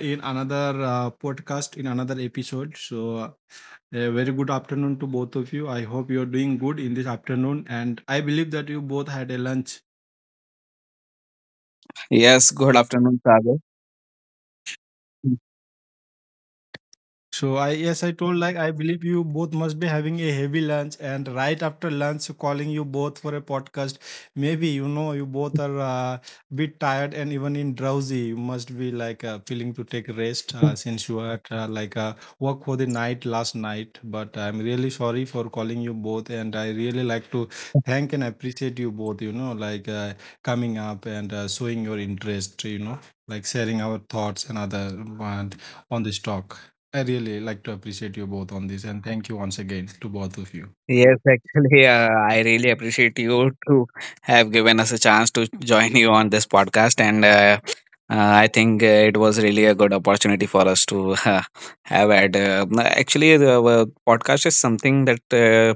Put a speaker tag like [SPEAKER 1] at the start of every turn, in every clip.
[SPEAKER 1] In another podcast, in another episode. So, a very good afternoon to both of you. I hope you're doing good in this afternoon, and I believe that you both had a lunch.
[SPEAKER 2] Yes, good afternoon, Sagar.
[SPEAKER 1] So I Yes, I told, like I believe you both must be having a heavy lunch, and right after lunch calling you both for a podcast. Maybe you both are bit tired and even in drowsy. You must be like feeling to take rest since you are like work for the night last night. But I'm really sorry for calling you both, and I really like to thank and appreciate you both. You know, like coming up and showing your interest. You know, like sharing our thoughts and other uh, on this talk. I really like to appreciate you both on this, and thank you once again to both of you.
[SPEAKER 2] Yes, actually, I really appreciate you to have given us a chance to join you on this podcast, and I think it was really a good opportunity for us to have had. Actually, the podcast is something that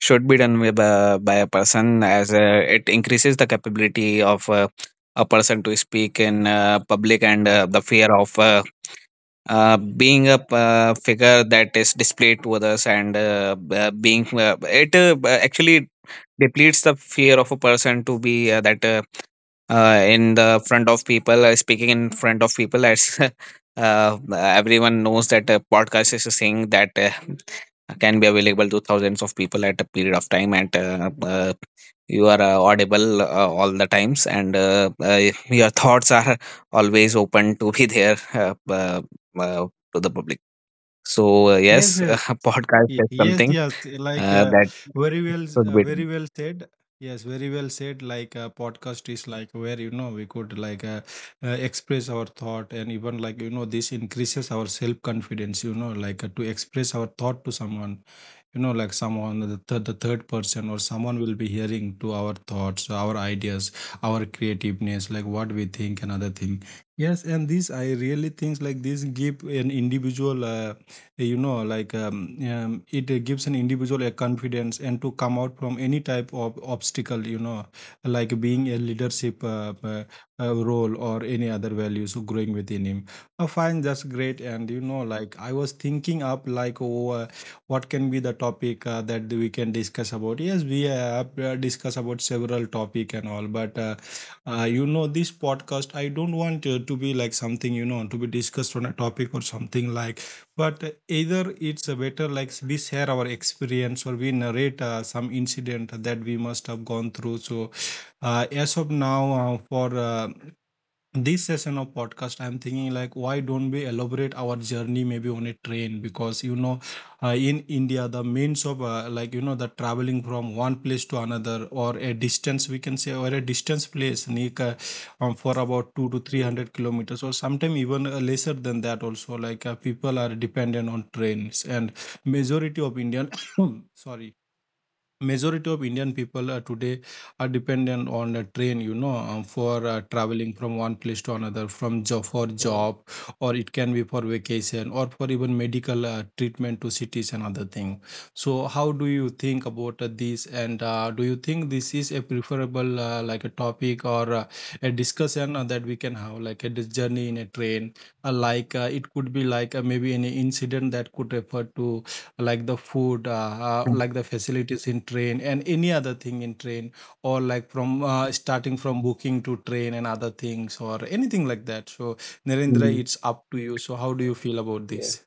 [SPEAKER 2] should be done with, by a person, as it increases the capability of a person to speak in public, and the fear of being a figure that is displayed to others, and being actually depletes the fear of a person to be that in the front of people, speaking in front of people. As everyone knows that a podcast is a thing that can be available to thousands of people at a period of time, and you are audible all the times, and your thoughts are always open to be there uh, to the public. So
[SPEAKER 1] Yes,
[SPEAKER 2] yes,
[SPEAKER 1] yes,
[SPEAKER 2] podcast is
[SPEAKER 1] yes,
[SPEAKER 2] something
[SPEAKER 1] yes. Like,
[SPEAKER 2] that
[SPEAKER 1] very well,
[SPEAKER 2] should be
[SPEAKER 1] very
[SPEAKER 2] done.
[SPEAKER 1] well said. Yes, very well said. Like, podcast is like where you know we could like express our thought, and even like you know this increases our self confidence. You know, like to express our thought to someone, you know, like someone, the third person, or someone will be hearing to our thoughts, our ideas, our creativeness, like what we think. Another thing, yes, and this I really think, like this give an individual it gives an individual a confidence, and to come out from any type of obstacle, you know, like being a leadership role, or any other values growing within him. I find that's great. And you know, like I was thinking up like, oh, what can be the topic that we can discuss about. Yes, we have discussed about several topic and all, but you know, this podcast, I don't want to be like something, you know, to be discussed on a topic or something like, but either it's a better like we share our experience, or we narrate some incident that we must have gone through. So, as of now, for this session of podcast, I'm thinking like why don't we elaborate our journey, maybe on a train, because you know in India, the means of like you know the traveling from one place to another, or a distance we can say, or a distance place, like, for about 2 to
[SPEAKER 3] Mm.
[SPEAKER 1] 300 kilometers, or sometimes even lesser than that also, like people are dependent on trains, and majority of Indian sorry, majority of Indian people today are dependent on the train, you know, for traveling from one place to another, from job, for
[SPEAKER 3] Well,
[SPEAKER 1] job, or it can be for vacation, or for even medical treatment to cities and other thing. So, how do you think about this? And do you think this is a preferable like a topic, or a discussion that we can have, like a journey in a train, like it could be like maybe any incident that could refer to, like, the food, like the facilities in train and any other thing in train, or like from starting from booking to train and other things, or anything like that. So, Narendra, it's up to you. So, how do you feel about
[SPEAKER 3] yeah.
[SPEAKER 1] this?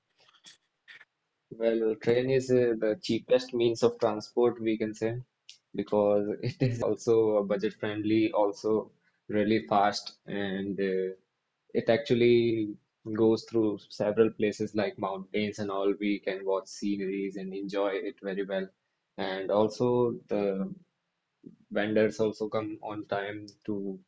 [SPEAKER 3] Well, train is the cheapest means of transport, we can say, because it is also budget friendly, also really fast, and it actually goes through several places like mountains and all. We can watch sceneries and enjoy it very well. And also, the vendors also come on time to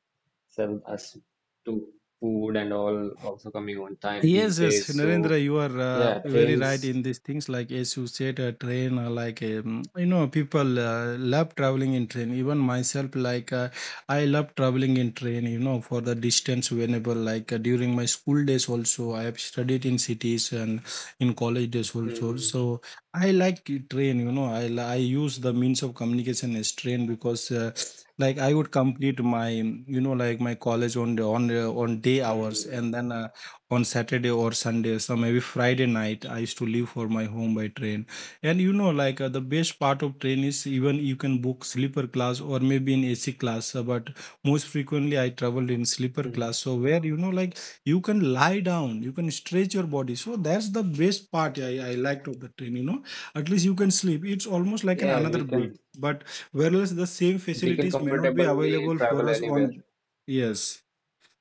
[SPEAKER 3] sell us to food and all, also coming on time these
[SPEAKER 1] Yes, yes,
[SPEAKER 3] days. So,
[SPEAKER 1] Narendra, you are
[SPEAKER 3] yeah,
[SPEAKER 1] very right
[SPEAKER 3] trains.
[SPEAKER 1] in these things. Like, as you said, a train, you know, people love traveling in train. Even myself, like I love traveling in train. You know, for the distance, whenever, like during my school days, also I have studied in cities and in college days also.
[SPEAKER 3] Mm.
[SPEAKER 1] So I like to train. You know, I use the means of communication as train because. I would complete my, you know, like my college on day hours,
[SPEAKER 3] Mm.
[SPEAKER 1] and then on Saturday or Sunday, so maybe Friday night, I used to leave for my home by train. And you know, like the best part of train is even you can book sleeper class, or maybe in AC class. But most frequently, I traveled in sleeper
[SPEAKER 3] Mm.
[SPEAKER 1] class. So where, you know, like you can lie down, you can stretch your body. So that's the best part I liked of the train. You know, at least you can sleep. It's almost like an
[SPEAKER 3] Yeah, we
[SPEAKER 1] another bed.
[SPEAKER 3] can
[SPEAKER 1] But whereas the same
[SPEAKER 3] we can
[SPEAKER 1] facilities may not be
[SPEAKER 3] comfortably
[SPEAKER 1] available for
[SPEAKER 3] travel
[SPEAKER 1] us
[SPEAKER 3] anywhere.
[SPEAKER 1] on, yes,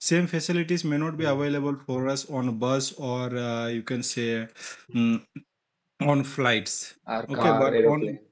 [SPEAKER 1] same facilities may not be
[SPEAKER 3] mm,
[SPEAKER 1] available for us on bus, or you can say, mm, on flights,
[SPEAKER 3] Our
[SPEAKER 1] okay,
[SPEAKER 3] car,
[SPEAKER 1] but on.
[SPEAKER 3] aeroplane.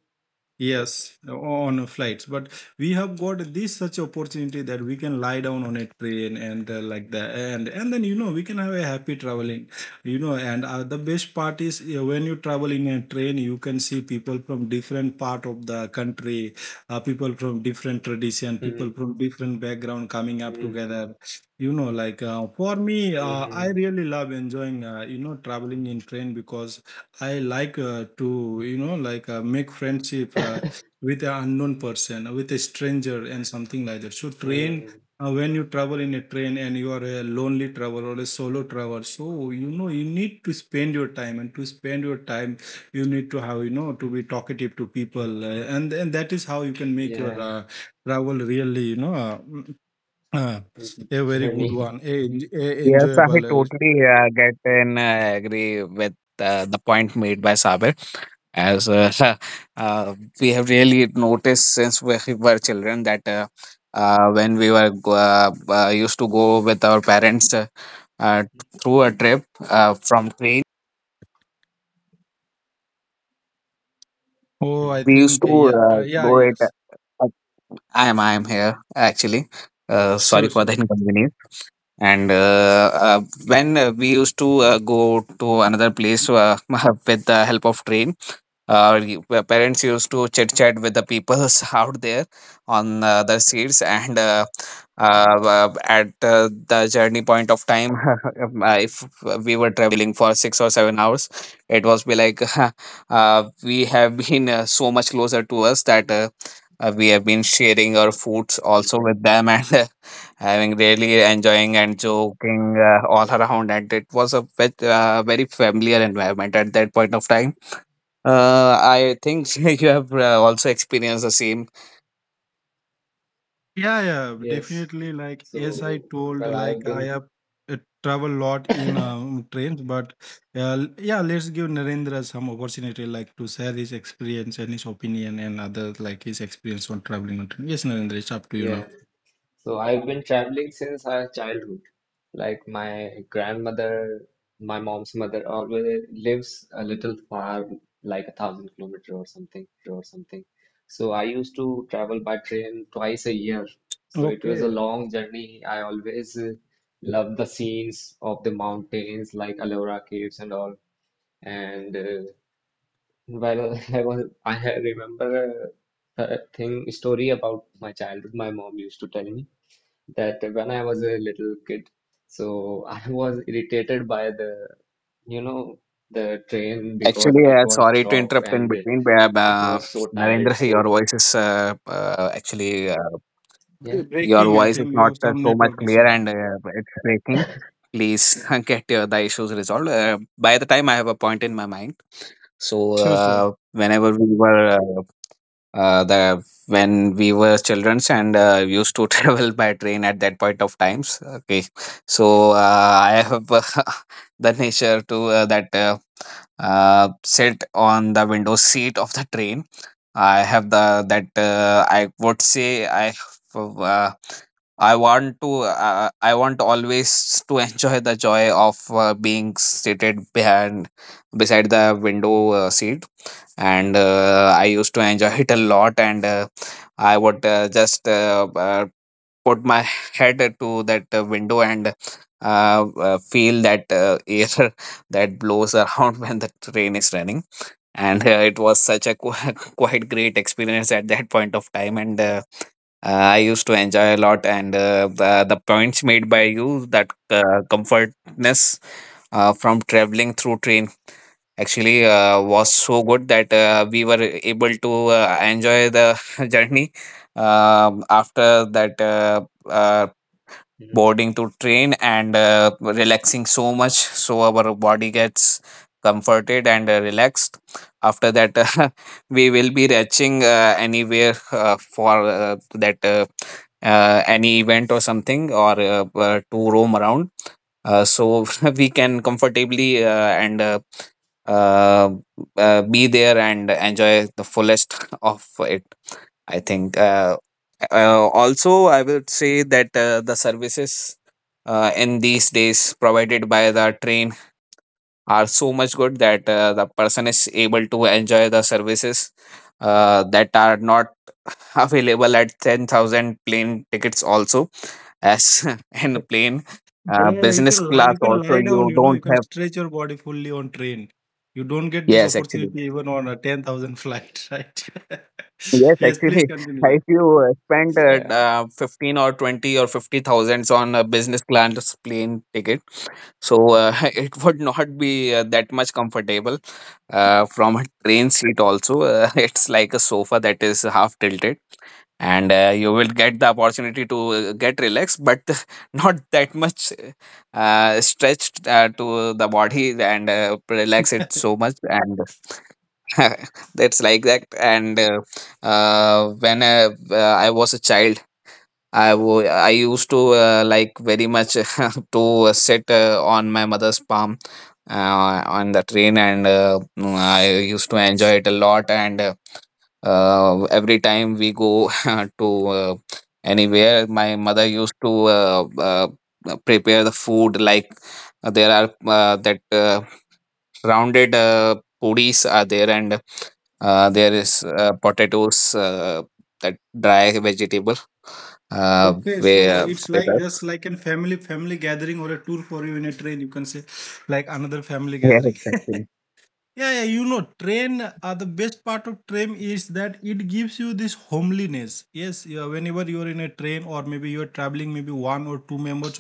[SPEAKER 3] Yes.
[SPEAKER 1] Yes, on flights. But we have got this such opportunity that we can lie down on a train and like that, and then, you know, we can have a happy traveling, you know. And the best part is, when you travel in a train, you can see people from different part of the country, people from different tradition, people
[SPEAKER 3] Mm.
[SPEAKER 1] from different background coming up
[SPEAKER 3] Mm.
[SPEAKER 1] together. You know, like for me, I
[SPEAKER 3] Mm.
[SPEAKER 1] really love enjoying, you know, traveling in train because I like, to, you know, like make friendship with an unknown person, with a stranger, and something like that. So train,
[SPEAKER 3] Mm.
[SPEAKER 1] when you travel in a train and you are a lonely traveler or a solo traveler, so you know you need to spend your time, and to spend your time, you need to have, you know, to be talkative to people, and that is how you can make your
[SPEAKER 3] Yeah.
[SPEAKER 1] travel really, you know. Uh, a very good
[SPEAKER 3] Journey.
[SPEAKER 1] one, a
[SPEAKER 2] Yes, I
[SPEAKER 1] enjoyable.
[SPEAKER 2] totally get and agree with the point made by Sabir. As uh, we have really noticed since we were children that when we used to go with our parents uh, through a trip from train,
[SPEAKER 1] Oh, I
[SPEAKER 3] Mm.
[SPEAKER 2] we used
[SPEAKER 1] think,
[SPEAKER 2] to
[SPEAKER 1] yeah, yeah,
[SPEAKER 2] go it.
[SPEAKER 1] yes,
[SPEAKER 2] uh, I am here actually. Sorry
[SPEAKER 1] sure,
[SPEAKER 2] for the
[SPEAKER 1] sure.
[SPEAKER 2] inconvenience. And when we used to go to another place with the help of train, parents used to chit chat with the peoples out there on the seats, and uh,
[SPEAKER 3] Mm.
[SPEAKER 2] at the journey point of time, if we were traveling for 6 or 7 hours, it was be like we have been so much closer to us that we have been sharing our foods also
[SPEAKER 3] Mm.
[SPEAKER 2] with them, and having really enjoying and joking all around, and it was a bit, very familiar environment at that point of time. I think you have also experienced the same.
[SPEAKER 1] Yeah, yeah,
[SPEAKER 3] Yes.
[SPEAKER 1] definitely. Like, as I
[SPEAKER 3] So,
[SPEAKER 1] told, like
[SPEAKER 3] I've
[SPEAKER 1] I
[SPEAKER 3] been
[SPEAKER 1] have uh, travel lot in trains, but yeah, let's give Narendra some opportunity, like to share his experience and his opinion and other, like his experience on traveling on train. Yes, Narendra, it's up to you now.
[SPEAKER 3] Yeah. So I've been traveling since our childhood. Like my grandmother, my mom's mother always lives a little far, like 1,000 kilometer or something. So I used to travel by train twice a year. So it was a
[SPEAKER 1] Okay,
[SPEAKER 3] long journey. I always loved the scenes of the mountains, like Ellora Caves and all. And I was I had- remember a thing story about my childhood. My mom used to tell me that when I was a little kid, so I was irritated by the, you know, the train because
[SPEAKER 2] Actually,
[SPEAKER 3] it won't
[SPEAKER 2] sorry to
[SPEAKER 3] stop
[SPEAKER 2] interrupt in
[SPEAKER 3] and
[SPEAKER 2] between, but
[SPEAKER 3] it was so tired.
[SPEAKER 2] Narendra, your
[SPEAKER 3] So
[SPEAKER 2] voice is actually
[SPEAKER 3] yeah,
[SPEAKER 2] your
[SPEAKER 1] Breaking. I
[SPEAKER 2] voice is
[SPEAKER 1] think you
[SPEAKER 2] not
[SPEAKER 1] have some
[SPEAKER 2] so much
[SPEAKER 1] network
[SPEAKER 2] clear,
[SPEAKER 1] issue.
[SPEAKER 2] and it's breaking. Please get your, the issues resolved by the time I have a point in my mind. So
[SPEAKER 1] Sure, sure.
[SPEAKER 2] whenever we were the when we were childrens, and used to travel by train at that point of times. Okay. So I have the nature to that sit on the window seat of the train. I have the that I would say I have, I want to. I want always to enjoy the joy of being seated behind, beside the window seat, and I used to enjoy it a lot. And I would just put my head to that window, and feel that air that blows around when the train is running. And it was such a quite great experience at that point of time. And I used to enjoy a lot. And the points made by you, that comfortness from traveling through train, actually was so good that we were able to enjoy the journey. After that uh,
[SPEAKER 3] Mhm.
[SPEAKER 2] boarding to train and relaxing so much, so our body gets comforted and relaxed. After that, we will be reaching anywhere for that any event or something, or to roam around. So we can comfortably and uh, be there and enjoy the fullest of it. I think also I will say that the services in these days provided by the train are so much good that the person is able to enjoy the services that are not available at 10,000 plane tickets also. As in plane
[SPEAKER 1] Yeah, you
[SPEAKER 2] business
[SPEAKER 1] can lie.
[SPEAKER 2] class
[SPEAKER 1] You can
[SPEAKER 2] also,
[SPEAKER 1] lie down.
[SPEAKER 2] you
[SPEAKER 1] You know, you
[SPEAKER 2] don't
[SPEAKER 1] can
[SPEAKER 2] have.
[SPEAKER 1] stretch your body fully on train. You don't get this
[SPEAKER 2] Yes, actually.
[SPEAKER 1] opportunity even on a 10,000 flight, right?
[SPEAKER 2] Yes,
[SPEAKER 1] Yes,
[SPEAKER 2] actually.
[SPEAKER 1] please continue.
[SPEAKER 2] If you spend
[SPEAKER 3] Yeah.
[SPEAKER 2] 15 or 20 or 50 thousands on a business class plane ticket, so it would not be that much comfortable from a train seat also. It's like a sofa that is half tilted, and you will get the opportunity to get relaxed, but not that much stretched to the body and relax it so much, and that's like that. And when I was a child, I used to like very much to sit on my mother's palm on the train, and I used to enjoy it a lot. And every time we go to anywhere, my mother used to prepare the food. Like there are that rounded puris are there, and there is potatoes. That dry vegetable uh,
[SPEAKER 1] Okay, so
[SPEAKER 2] wi-
[SPEAKER 1] it's
[SPEAKER 2] with
[SPEAKER 1] like, just
[SPEAKER 2] us.
[SPEAKER 1] like a family gathering or a tour for you in a train. You can say, like, another family
[SPEAKER 2] Yes,
[SPEAKER 1] gathering. Yeah,
[SPEAKER 2] actually.
[SPEAKER 1] yeah, you know, train. The best part of train is that it gives you this homeliness. Yes, yeah, whenever you're in a train, or maybe you're traveling, maybe one or two members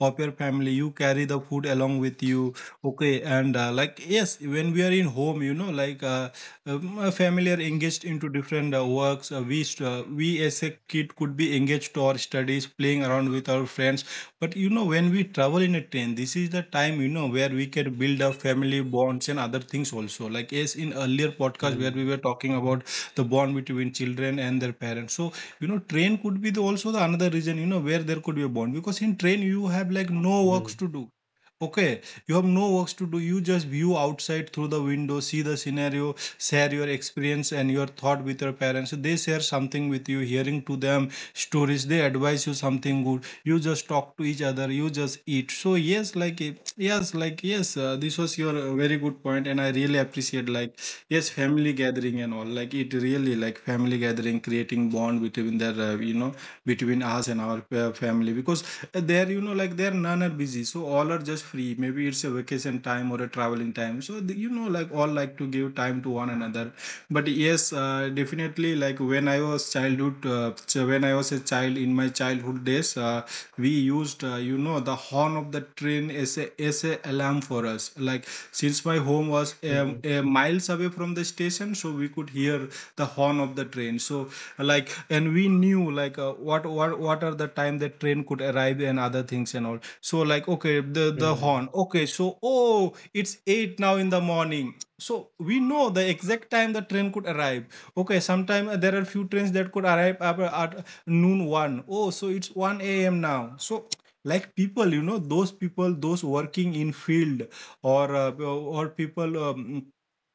[SPEAKER 1] of your family, you carry the food along with you, okay, and like, yes, when we are in home, you know, like family are engaged into different works, we, as a kid, could be engaged to our studies, playing around with our friends, but you know, when we travel in a train, this is the time, you know, where we can build up family bonds and other things also. Like, yes, in earlier podcast where we
[SPEAKER 3] Hmm.
[SPEAKER 1] were talking about the bond between children and their parents, so you know, train could be the also the another reason, you know, where there could be a bond, because in train you have like no
[SPEAKER 3] Hmm.
[SPEAKER 1] works to do. Okay, you have no works to do. You just view outside through the window, see the scenario, share your experience and your thought with your parents. They share something with you, hearing to them stories. They advise you something good. You just talk to each other. You just eat. So, yes, like, yes, like, yes. This was your very good point, and I really appreciate, like, yes, family gathering and all. Like it really like family gathering, creating bond between their either you know, between us and our family, because there, you know, like there none are busy, so all are just free. Maybe it's a vacation time or a traveling time, so the, you know, like all like to give time to one another. But yes, definitely like when I was childhood, when I was a child in my childhood days, we used, you know, the horn of the train as a alarm for us. Like since my home was
[SPEAKER 3] Hmm.
[SPEAKER 1] miles away from the station, so we could hear the horn of the train. So like, and we knew like what are the time that train could arrive and other things and all. So like okay, the
[SPEAKER 3] Hmm.
[SPEAKER 1] horn. Okay, so oh, it's 8 now in the morning, so we know the exact time the train could arrive. Okay, sometime there are few trains that could arrive at noon 1. Oh, so it's 1 a.m. now. So like people, you know, those people, those working in field, or people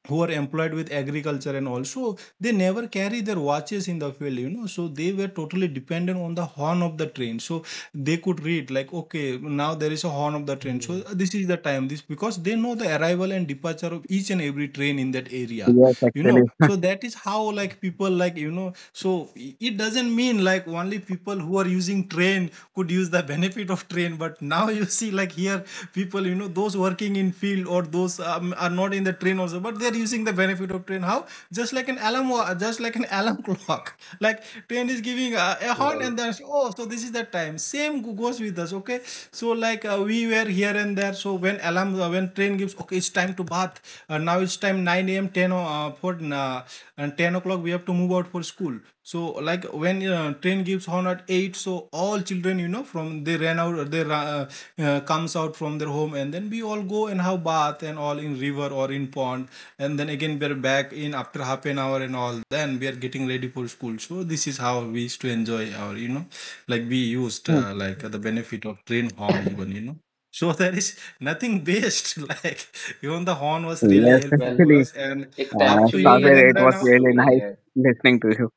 [SPEAKER 1] who are employed with agriculture, and also they never carry their watches in the field, you know, so they were totally dependent on the horn of the train. So they could read like okay, now there is a horn of the train, so
[SPEAKER 3] Hmm.
[SPEAKER 1] this is the time, this, because they know the arrival and departure of each and every train in that area,
[SPEAKER 2] Yes,
[SPEAKER 1] you know.
[SPEAKER 2] actually.
[SPEAKER 1] So that is how, like people, like, you know. So it doesn't mean like only people who are using train could use the benefit of train. But now you see, like here, people, you know, those working in field or those are not in the train also, but they're using the benefit of train. How? Just like an alarm, just like an alarm clock. Like train is giving a horn,
[SPEAKER 3] Well,
[SPEAKER 1] and then oh, so this is the time. Same goes with us. Okay, so like we were here and there. So when alarm, when train gives, okay, it's time to bath. Now it's time 9 a.m. 10 o- for and 10 o'clock we have to move out for school. So like when train gives horn at 8, so all children, you know, from they ran out, they uh, comes out from their home, and then we all go and have bath and all in river or in pond, and then again we're back in after half an hour and all. Then we are getting ready for school. So this is how we used to enjoy our, you know, like we used, like the benefit of train horn even, you know, so there is nothing best. Like even the horn was really
[SPEAKER 2] Yes,
[SPEAKER 1] helpful
[SPEAKER 3] well,
[SPEAKER 1] for
[SPEAKER 2] actually.
[SPEAKER 1] us, and
[SPEAKER 3] it
[SPEAKER 1] up to you,
[SPEAKER 3] actually
[SPEAKER 2] Sabir, it
[SPEAKER 1] Narendra,
[SPEAKER 2] was
[SPEAKER 1] now.
[SPEAKER 3] happens to
[SPEAKER 2] really
[SPEAKER 3] me
[SPEAKER 2] nice
[SPEAKER 3] here.
[SPEAKER 2] listening to you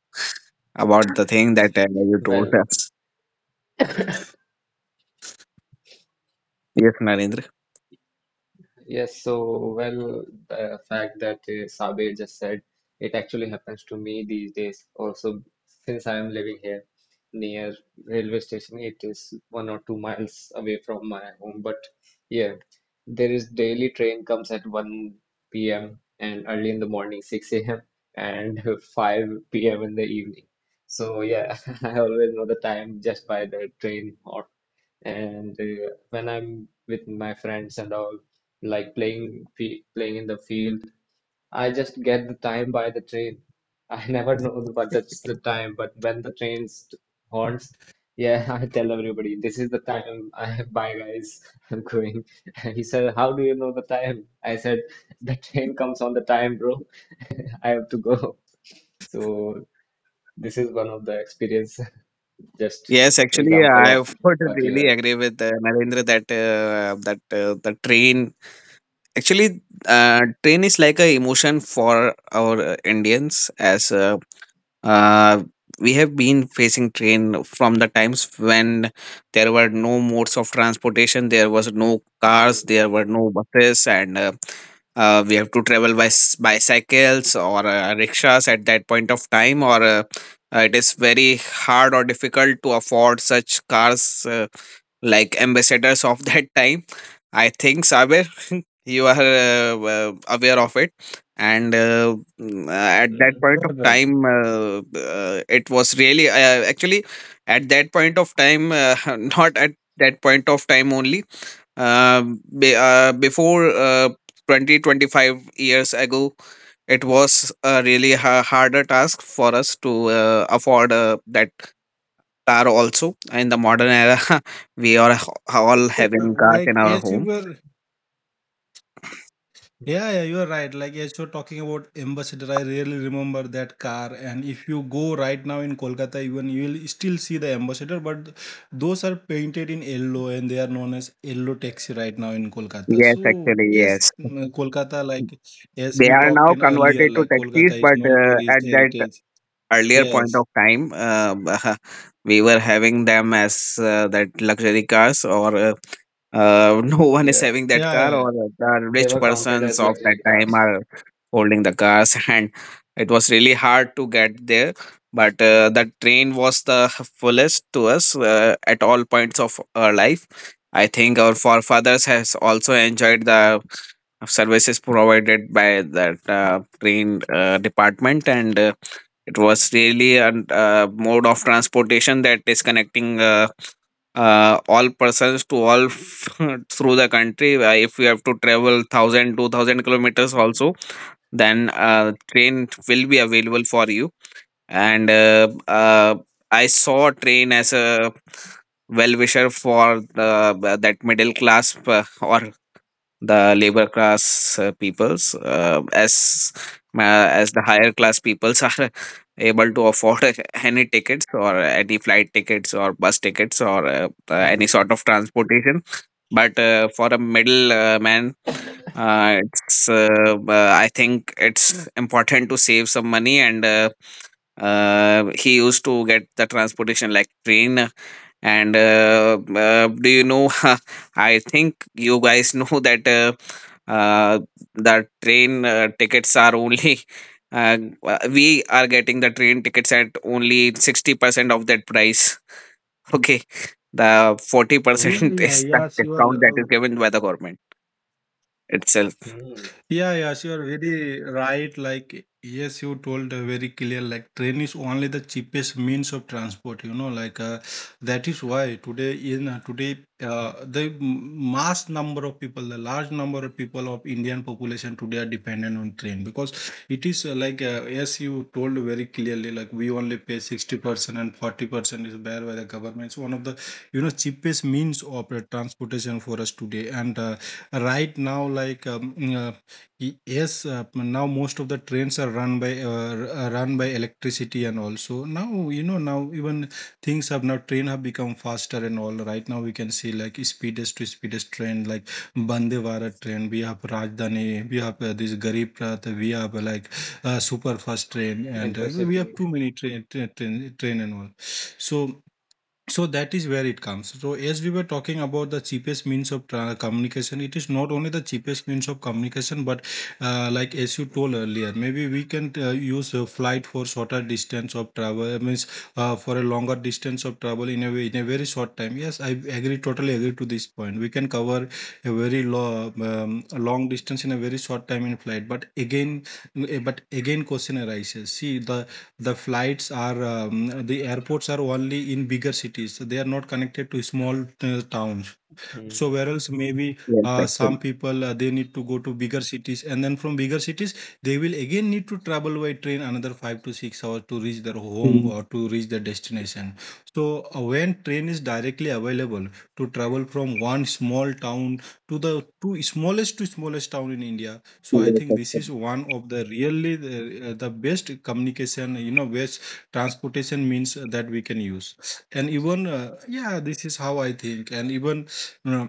[SPEAKER 2] about the thing that you told
[SPEAKER 3] Well,
[SPEAKER 2] us. Yes, Narendra.
[SPEAKER 3] Yes, so well, the fact that Sabe just said it actually happens to me these days. Also, since I am living here near railway station, it is 1 or 2 miles away from my home. But yeah, there is daily train comes at 1 p.m. and early in the morning 6 a.m. and 5 p.m. in the evening. So yeah, I always know the time just by the train or and when I'm with my friends and all, like playing playing in the field, I just get the time by the train. I never know what that's the time, but when the train horns, yeah, I tell everybody this is the time. I bye guys, I'm going. He said, "How do you know the time?" I said, "The train comes on the time, bro. I have to go." So this is one of the experience, just
[SPEAKER 2] Yes, actually,
[SPEAKER 3] example
[SPEAKER 2] I
[SPEAKER 3] of
[SPEAKER 2] would
[SPEAKER 3] what you
[SPEAKER 2] really
[SPEAKER 3] heard.
[SPEAKER 2] agree with Narendra that the train, actually train is like a emotion for our Indians, as Uh, we have been facing train from the times when there were no modes of transportation, there was no cars,
[SPEAKER 3] Mm.
[SPEAKER 2] there were no buses, and we have to travel by bicycles or rickshaws at that point of time, or it is very hard or difficult to afford such cars like ambassadors of that time. I think, Sabir, you are aware of it, and at that point of time it was really actually at that point of time not at that point of time only, uh, before 20 25 years ago. It was a really harder task for us to afford that car also. In the modern era, we are all
[SPEAKER 1] Uh,
[SPEAKER 2] having cars
[SPEAKER 1] like
[SPEAKER 2] in our
[SPEAKER 1] as you
[SPEAKER 2] home.
[SPEAKER 1] were. Yeah, yeah, you are right. Like as you're talking about ambassador, I really remember that car. And if you go right now in Kolkata, even you will still see the ambassador, but those are painted in yellow and they are known as yellow taxi right now in Kolkata.
[SPEAKER 2] Yes,
[SPEAKER 1] So
[SPEAKER 2] actually, yes.
[SPEAKER 1] yes, Kolkata, like as
[SPEAKER 2] They
[SPEAKER 1] we
[SPEAKER 2] are
[SPEAKER 1] talked
[SPEAKER 2] now
[SPEAKER 1] in earlier,
[SPEAKER 2] converted to
[SPEAKER 1] like
[SPEAKER 2] taxis,
[SPEAKER 1] Kolkata is
[SPEAKER 2] but
[SPEAKER 1] known for its
[SPEAKER 2] at that
[SPEAKER 1] heritage.
[SPEAKER 2] earlier point
[SPEAKER 1] Yes.
[SPEAKER 2] of time, we were having them as that luxury cars, or no one is
[SPEAKER 3] Yeah.
[SPEAKER 2] having that
[SPEAKER 1] Yeah, yeah,
[SPEAKER 2] car,
[SPEAKER 1] yeah.
[SPEAKER 2] or the
[SPEAKER 3] They
[SPEAKER 2] rich
[SPEAKER 3] were counted
[SPEAKER 2] persons
[SPEAKER 3] as
[SPEAKER 2] of that
[SPEAKER 3] luxury
[SPEAKER 2] time
[SPEAKER 3] cars.
[SPEAKER 2] are holding the cars, and it was really hard to get there. But the train was the fullest to us at all points of our life. I think our forefathers has also enjoyed the services provided by that train department, and it was really a mode of transportation that is connecting all persons to through the country. If you have to travel 1,000, 2,000 kilometers also, then train will be available for you. And I saw train as a well wisher for that middle class or the labor class peoples, as as the higher class peoples are able to afford any tickets or any flight tickets or bus tickets or any
[SPEAKER 3] Hmm.
[SPEAKER 2] sort of transportation. But for a middle man, it's I think it's important to save some money, and he used to get the transportation like train. And do you know? I think you guys know that uh, the train tickets are only. Uh, we are getting the train tickets at only 60% of that price. Okay. The
[SPEAKER 1] Yeah,
[SPEAKER 3] Hmm.
[SPEAKER 2] 40%
[SPEAKER 1] yeah,
[SPEAKER 2] is the
[SPEAKER 1] yes, you are.
[SPEAKER 2] discount that is given by the government itself.
[SPEAKER 3] Hmm.
[SPEAKER 1] Yeah, yeah, sure. Very right. Like, yes, you told very clear. Like, train is only the cheapest means of transport. You know, like that is why today in today the mass number of people, the large number of people of Indian population today are dependent on train, because it is yes, you told very clearly. Like, we only pay 60% and 40% is bear by the government. It's one of the, you know, cheapest means of transportation for us today and. Right now like yes, now most of the trains are run by run by electricity, and also now, you know, now even things have now train have become faster and all. Right now we can see like speedest to speedest train like Vande Bharat train. We have Rajdhani, we have this Garib Rath, we have super fast train, and we
[SPEAKER 3] Intercity.
[SPEAKER 1] have too many train and all. So. So that is where it comes. So as we were talking about the cheapest means of communication, it is not only the cheapest means of communication, but like as you told earlier, maybe we can use a flight for shorter distance of travel. Means for a longer distance of travel in a way in a very short time. Yes, I agree, totally agree to this point. We can cover a very a long distance in a very short time in flight. But again, question arises. See the flights are the airports are only in bigger cities, so they are not connected to small towns,
[SPEAKER 3] Hmm. Hmm.
[SPEAKER 1] so where else maybe
[SPEAKER 2] Yes, actually.
[SPEAKER 1] some people they need to go to bigger cities, and then from bigger cities they will again need to travel by train another 5 to 6 hours to reach their home
[SPEAKER 2] Mm,
[SPEAKER 1] or to reach their destination. So when train is directly available to travel from one small town to the two smallest to smallest town in India, so I
[SPEAKER 2] Yes,
[SPEAKER 1] think this
[SPEAKER 2] actually.
[SPEAKER 1] is one of the really the best communication, you know, best transportation means that we can use. And even yeah, this is how I think. And even uh,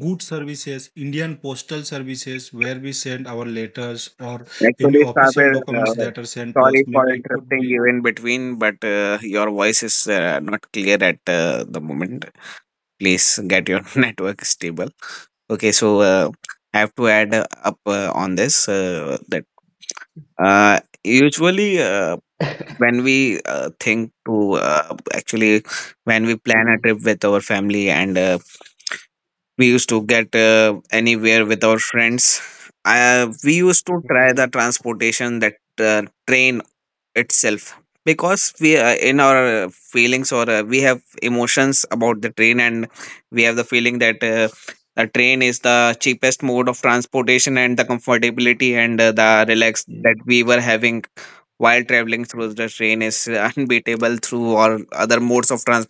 [SPEAKER 1] good services, Indian postal services, where we send our letters or any
[SPEAKER 2] Actually, Saber,
[SPEAKER 1] official documents that are sent to
[SPEAKER 2] sorry
[SPEAKER 1] us.
[SPEAKER 2] for
[SPEAKER 1] Maybe it could
[SPEAKER 2] interrupting
[SPEAKER 1] be.
[SPEAKER 2] you in between, but your voice is not clear at the moment. Please get your network stable. Okay, so I have to add up on this that usually when we think to, actually when we plan a trip with our family and we used to get anywhere with our friends, we used to try the
[SPEAKER 3] Hmm.
[SPEAKER 2] transportation that uh, train itself, because we, in our feelings or we have emotions about the train, and we have the feeling that a train is the cheapest mode of transportation, and the comfortability and the relax
[SPEAKER 3] Hmm.
[SPEAKER 2] that we were having while traveling through the train is unbeatable through all other modes of transport.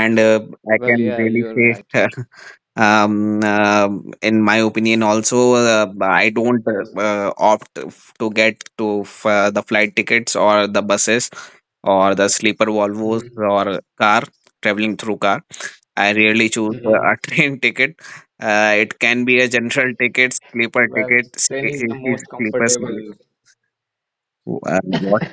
[SPEAKER 2] And I
[SPEAKER 3] Well,
[SPEAKER 2] can
[SPEAKER 3] yeah,
[SPEAKER 2] really
[SPEAKER 3] you're
[SPEAKER 2] say,
[SPEAKER 3] right.
[SPEAKER 2] in my opinion also, I don't
[SPEAKER 3] Well,
[SPEAKER 2] opt to get to the flight tickets or the buses or the sleeper Volvos
[SPEAKER 3] mm,
[SPEAKER 2] or car, traveling through car. I rarely choose
[SPEAKER 3] mm,
[SPEAKER 2] a train ticket. Uh, it can be a general ticket, sleeper
[SPEAKER 3] well,
[SPEAKER 2] ticket,
[SPEAKER 3] train is the most
[SPEAKER 2] sleeper ticket.
[SPEAKER 3] comfortable.
[SPEAKER 2] What?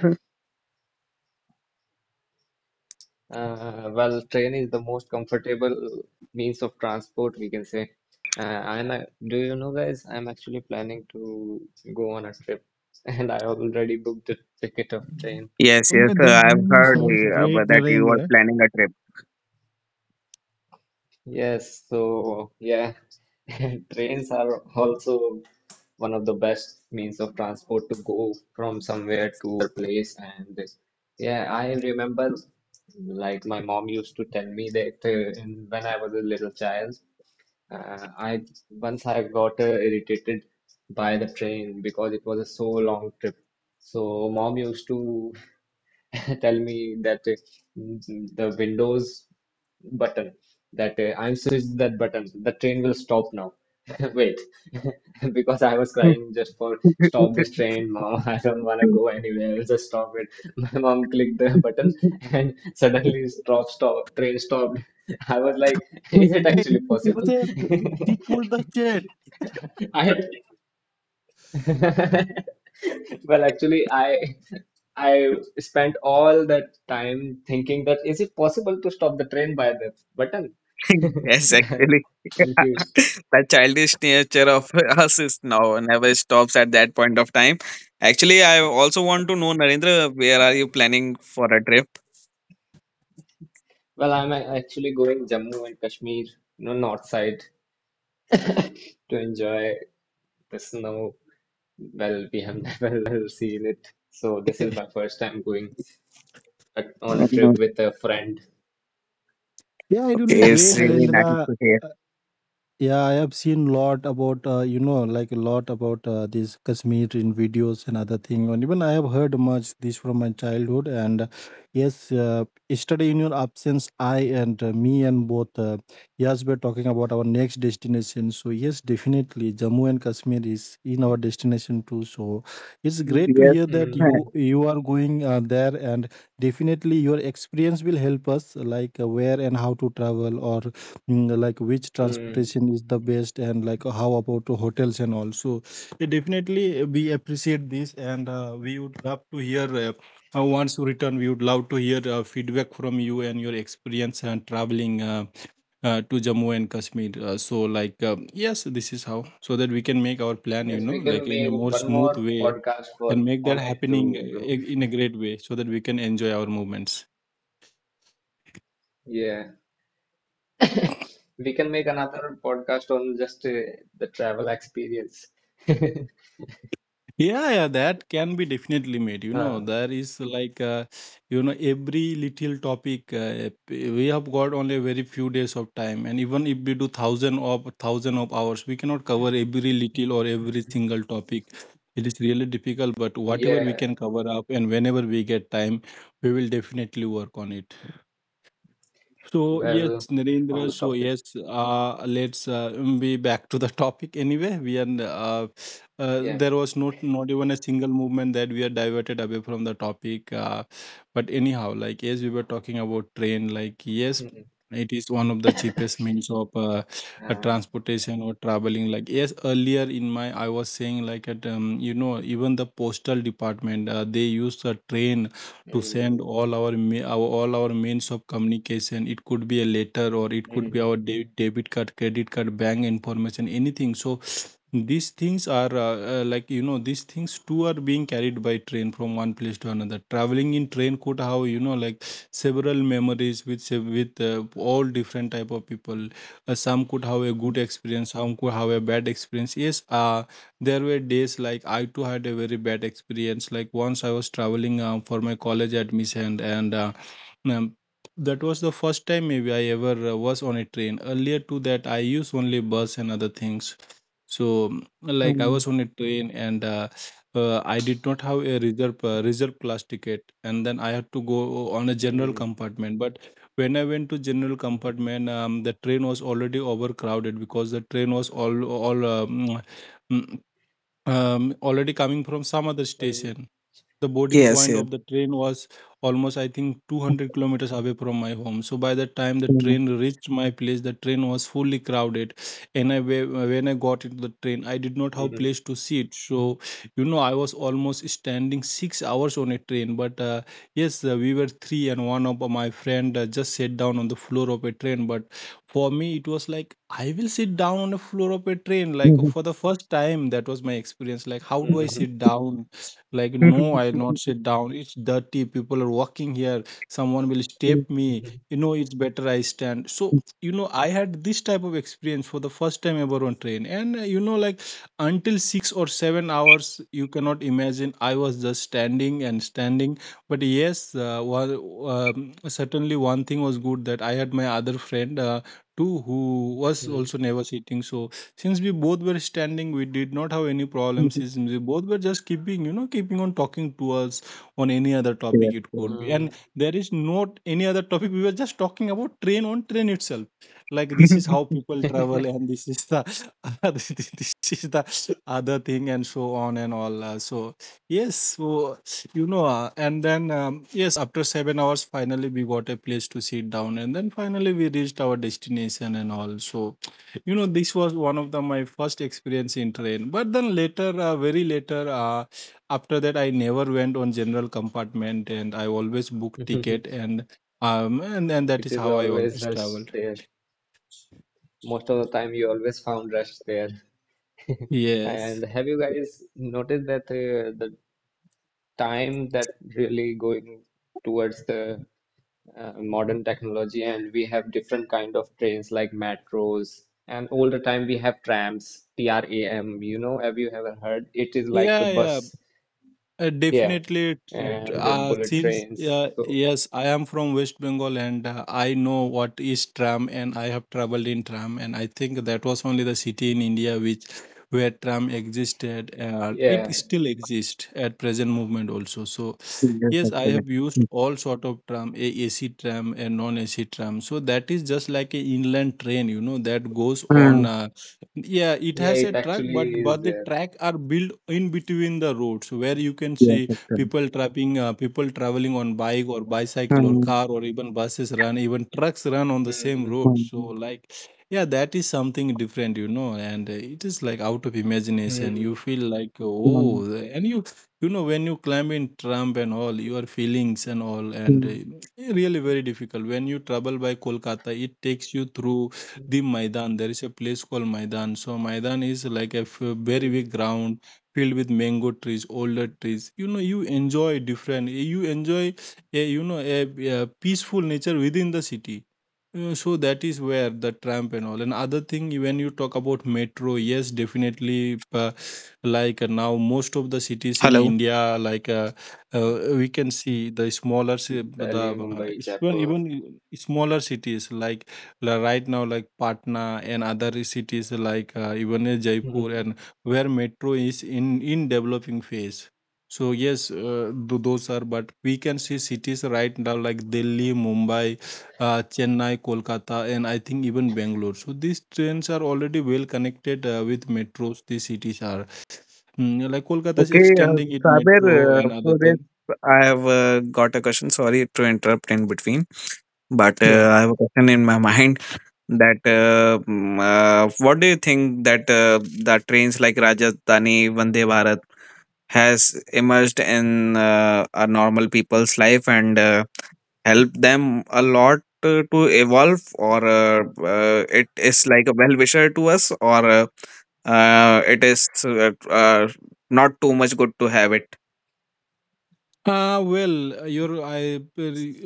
[SPEAKER 3] Train is the most comfortable means of transport, we can say. I'm, do you know, guys? I'm actually planning to go on a trip, and I already booked the ticket of train.
[SPEAKER 2] Yes, yes,
[SPEAKER 1] Okay, that
[SPEAKER 2] I've heard
[SPEAKER 3] Oh,
[SPEAKER 1] sounds
[SPEAKER 2] about
[SPEAKER 1] great,
[SPEAKER 2] that you are
[SPEAKER 1] Narendra.
[SPEAKER 2] planning a
[SPEAKER 3] yes, so yeah, trains are also one of the best means of transport to go from somewhere to another place. And yeah, I remember like my mom used to tell me that when I was a little child, I once I got irritated by the train because it was a so long trip. So mom used to tell me that the Windows button that I'm switched that button. The train will stop now. Wait, because I was crying just for stop
[SPEAKER 2] trip.
[SPEAKER 3] this train, mom. I don't want to go anywhere. Just stop it. My mom clicked the button and suddenly stop, stop, train stopped. I was like, is it
[SPEAKER 1] Hey,
[SPEAKER 3] actually
[SPEAKER 1] you can
[SPEAKER 3] possible?
[SPEAKER 1] say, she pulled the chain.
[SPEAKER 3] I well, actually, I spent all that time thinking that is it possible to stop the train by the button?
[SPEAKER 2] Yes, actually.
[SPEAKER 3] Confused.
[SPEAKER 2] The childish nature of us is now never stops at that point of time. Actually, I also want to know, Narendra, where are you planning for a trip?
[SPEAKER 3] Well, I'm actually going Jammu and Kashmir, you know, north side to enjoy the snow. Well, we have never seen it, so this is my first time going on a trip
[SPEAKER 2] Mm,
[SPEAKER 3] with a friend.
[SPEAKER 1] Yeah, it will be
[SPEAKER 2] okay, it's
[SPEAKER 1] great,
[SPEAKER 2] really nice
[SPEAKER 1] Narendra.
[SPEAKER 2] to hear.
[SPEAKER 1] Yeah, I have seen lot about you know, like a lot about these Kashmir in videos and other thing, and even I have heard much this from my childhood. And yes, yesterday in your absence, I and me and both yes, we're talking about our next destination. So yes, definitely Jammu and Kashmir is in our destination too. So it's great to
[SPEAKER 2] Yes.
[SPEAKER 1] hear that
[SPEAKER 2] uh,
[SPEAKER 1] you
[SPEAKER 3] Hmm.
[SPEAKER 1] you are going there, and definitely your experience will help us like where and how to travel, or like which
[SPEAKER 3] Hmm.
[SPEAKER 1] transportation is the best, and like how about hotels and all. So yeah, definitely we appreciate this, and we would love to hear once you return, we would love to hear feedback from you and your experience and traveling to Jammu and Kashmir. So like yes, this is how, so that we can make our plan, you
[SPEAKER 3] Yes,
[SPEAKER 1] know,
[SPEAKER 3] we
[SPEAKER 1] like
[SPEAKER 3] can
[SPEAKER 1] in a
[SPEAKER 3] make
[SPEAKER 1] more
[SPEAKER 3] one
[SPEAKER 1] smooth
[SPEAKER 3] more
[SPEAKER 1] way
[SPEAKER 3] podcast for
[SPEAKER 1] and make that
[SPEAKER 3] on it
[SPEAKER 1] happening
[SPEAKER 3] too, bro.
[SPEAKER 1] in a great way, so that we can enjoy our movements.
[SPEAKER 3] Yeah. We can make another podcast on just the travel experience.
[SPEAKER 1] Yeah, yeah, that can be definitely made. You know,
[SPEAKER 3] Uh,
[SPEAKER 1] there is like, you know, every little topic, we have got only a very few days of time. And even if we do thousand of hours, we cannot cover every little or every single topic. It is really difficult, but whatever we can
[SPEAKER 3] yeah,
[SPEAKER 1] cover up and whenever we get time, we will definitely work on it. So yes,
[SPEAKER 3] well, on
[SPEAKER 1] Narendra.
[SPEAKER 3] the
[SPEAKER 1] So
[SPEAKER 3] topic,
[SPEAKER 1] yes, let's be back to the topic anyway. We are
[SPEAKER 3] yeah.
[SPEAKER 1] there was not even a single movement that we are diverted away from the topic. But anyhow, like as we were talking about train, like yes,
[SPEAKER 3] Mhm.
[SPEAKER 1] it is one of the cheapest means of
[SPEAKER 3] Uh,
[SPEAKER 1] transportation or traveling. Like yes, earlier in my I was saying like at you know, even the postal department they use a train to send
[SPEAKER 3] mm,
[SPEAKER 1] all our means of communication. It could be a letter or it could be
[SPEAKER 3] mm,
[SPEAKER 1] our debit card, credit card, bank information, anything. So these things are like, you know, these things too are being carried by train from one place to another. Traveling in train could have, you know, like several memories with all different type of people. Some could have a good experience, some could have a bad experience. Yes, there were days like I too had a very bad experience. Like once I was traveling for my college admission, and um, that was the first time maybe I ever was on a train. Earlier to that I used only bus and other things. So like I
[SPEAKER 2] um,
[SPEAKER 1] was on a train, and I did not have a reserve reserve class ticket, and then I had to go on a general
[SPEAKER 3] mm,
[SPEAKER 1] compartment. But when I went to general
[SPEAKER 3] mm,
[SPEAKER 1] compartment, the train was already overcrowded because the train was mm, already coming from some other
[SPEAKER 3] well,
[SPEAKER 1] station. The boarding
[SPEAKER 2] Yes,
[SPEAKER 1] point
[SPEAKER 2] yes.
[SPEAKER 1] of the train was almost I think 200 kilometers away from my home, so by the time the
[SPEAKER 2] Mm.
[SPEAKER 1] train reached my place, the train was fully crowded. And when I got into the train, I did not have
[SPEAKER 3] mm,
[SPEAKER 1] place to sit. So you know, I was almost standing 6 hours on a train. But yes, we were three, and one of my friend just sat down on the floor of a train. But for me it was like I will sit down on the floor of a train. Like for the first time. That was my experience. Like, how do I
[SPEAKER 3] mm,
[SPEAKER 1] sit down? Like, no, I'll not sit down. It's dirty, people are walking here, someone will step me, you know, it's better I stand. So you know I had this type of experience for the first time ever on train. And you know, like, until 6 or 7 hours you cannot imagine, I was just standing and standing. But yes, certainly one thing was good that I had my other friend too, who was
[SPEAKER 3] mm,
[SPEAKER 1] also never sitting. So since we both were standing, we did not have any problems, since we both were just keeping you know keeping on talking to us on any other topic
[SPEAKER 2] Yes,
[SPEAKER 1] it
[SPEAKER 2] yes.
[SPEAKER 1] could be. And there is not any other topic, we were just talking about train, on train itself, like this is how people travel and this is the this is the other thing and so on and all. So yes, so you know and then yes after 7 hours finally we got a place to sit down and then finally we reached our destination and all. So you know this was one of the my first experience in train. But then later, very later, after that I never went on general compartment and I always book
[SPEAKER 3] mm.
[SPEAKER 1] ticket and that
[SPEAKER 3] It
[SPEAKER 1] is
[SPEAKER 3] is
[SPEAKER 1] how I
[SPEAKER 3] always
[SPEAKER 1] always
[SPEAKER 3] rush
[SPEAKER 1] traveled.
[SPEAKER 3] there. Most of the time, you always found rush there. And
[SPEAKER 1] Yes.
[SPEAKER 3] have you guys noticed that the time that really going towards the modern technology and we have different kind of trains like metros and all the time we have trams tram you know have you ever heard it is like a
[SPEAKER 1] Yeah, yeah.
[SPEAKER 3] bus yeah
[SPEAKER 1] Definitely,
[SPEAKER 3] and bullet
[SPEAKER 1] since
[SPEAKER 3] trains so
[SPEAKER 1] yes, I am from West Bengal and I know what is tram, and I have traveled in tram, and I think that was only the city in India which where tram existed, and
[SPEAKER 3] yeah
[SPEAKER 1] it still exists at present movement also. So,
[SPEAKER 2] Yes,
[SPEAKER 1] yes, I
[SPEAKER 2] actually.
[SPEAKER 1] have used all sort of tram, a AC tram and non AC tram. So that is just like a inland train, you know, that goes on.
[SPEAKER 2] Mm.
[SPEAKER 1] Yeah, it
[SPEAKER 3] yeah
[SPEAKER 1] has a
[SPEAKER 3] it
[SPEAKER 1] track,
[SPEAKER 3] actually
[SPEAKER 1] but
[SPEAKER 3] is
[SPEAKER 1] the
[SPEAKER 3] there.
[SPEAKER 1] track are built in between the roads where you can
[SPEAKER 2] Yes,
[SPEAKER 1] see
[SPEAKER 2] actually.
[SPEAKER 1] people trapping, people traveling on bike or bicycle or
[SPEAKER 2] Mm,
[SPEAKER 1] car or even buses run, even trucks run on the same
[SPEAKER 3] Mm.
[SPEAKER 1] road. So
[SPEAKER 2] mm,
[SPEAKER 1] like, yeah, that is something different, you know, and it is like out of imagination. You
[SPEAKER 3] Mm.
[SPEAKER 1] feel like,
[SPEAKER 2] mm,
[SPEAKER 1] oh, and you know when you climb in tram and all, your feelings and all, and
[SPEAKER 2] mm.
[SPEAKER 1] really very difficult. When you travel by Kolkata, it takes you through the Maidan. There is a place called Maidan. So Maidan is like a very
[SPEAKER 3] Mm.
[SPEAKER 1] big ground filled with mango trees, older trees. You know, you enjoy different. You enjoy a you know a peaceful nature within the city. So that is where the tramp and all. And other thing, when you talk about metro, yes, definitely. Like now, most of the cities in
[SPEAKER 2] Hello.
[SPEAKER 1] India, like we can see the smaller, ci- the
[SPEAKER 3] Delhi Mumbai
[SPEAKER 1] even
[SPEAKER 3] Jaipur.
[SPEAKER 1] even smaller cities like right now like Patna and other cities like even Jaipur
[SPEAKER 3] Mm.
[SPEAKER 1] and where metro is in developing phase. So yes, those are. But we can see cities right now like Delhi, Mumbai, Chennai, Kolkata, and I think even Bangalore. So these trains are already well connected with metros. These cities are Mm, like Kolkata is
[SPEAKER 2] Okay,
[SPEAKER 1] extending it
[SPEAKER 2] Saber,
[SPEAKER 1] metro and other
[SPEAKER 2] for this,
[SPEAKER 1] thing.
[SPEAKER 2] I have got a question. Sorry to interrupt in between, but
[SPEAKER 1] Sure.
[SPEAKER 2] I have a question in my mind that what do you think that that trains like Rajasthani, Vande Bharat has emerged in our normal people's life and helped them a lot to evolve, or it is like a well wisher to us, or it is not too much good to have it?
[SPEAKER 1] Well, your I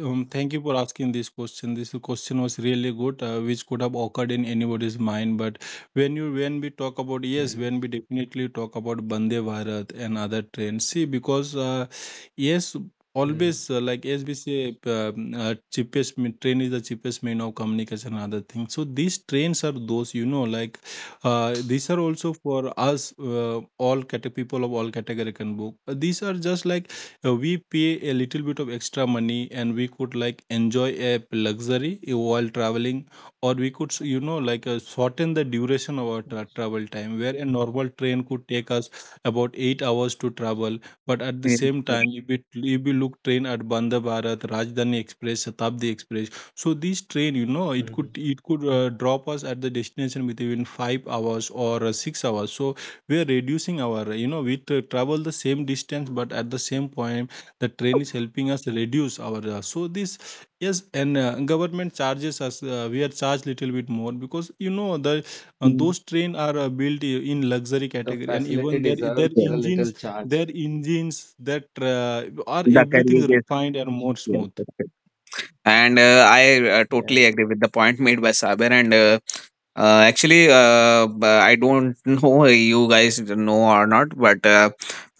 [SPEAKER 1] thank you for asking this question. This question was really good, which could have occurred in anybody's mind. But when we talk about, yes,
[SPEAKER 3] Mm.
[SPEAKER 1] when we definitely talk about Bande Bharat and other trains, see because yes,
[SPEAKER 3] Mm.
[SPEAKER 1] always like as we say, cheapest train is the cheapest mean of communication and other things. So these trains are those you know like these are also for us all people of all category can book. These are just like we pay a little bit of extra money and we could like enjoy a luxury while traveling or we could you know like shorten the duration of our travel time where a normal train could take us about 8 hours to travel, but at the
[SPEAKER 2] Yes,
[SPEAKER 1] same time
[SPEAKER 2] yes,
[SPEAKER 1] if we look train at Bandha Bharat Rajdhani Express Shatabdi Express, so this train you know it could
[SPEAKER 3] Mm.
[SPEAKER 1] it could drop us at the destination within 5 hours or 6 hours so we are reducing our you know we travel the same distance but at the same point the train is helping us reduce our so this yes and government charges us, we are charged little bit more because you know the
[SPEAKER 2] mm,
[SPEAKER 1] those train are built in luxury
[SPEAKER 3] The
[SPEAKER 1] category and
[SPEAKER 3] facility
[SPEAKER 1] even their their
[SPEAKER 3] deserves
[SPEAKER 2] yes,
[SPEAKER 3] a
[SPEAKER 2] yes.
[SPEAKER 3] little
[SPEAKER 1] engines
[SPEAKER 3] charge,
[SPEAKER 1] their engines that uh, are
[SPEAKER 2] The career,
[SPEAKER 1] everything
[SPEAKER 2] yes,
[SPEAKER 1] refined and more
[SPEAKER 2] yes,
[SPEAKER 1] smooth.
[SPEAKER 2] yes, yes. And I
[SPEAKER 3] yeah,
[SPEAKER 2] totally agree with the point made by Saber. And actually, I don't know you guys know or not, but uh,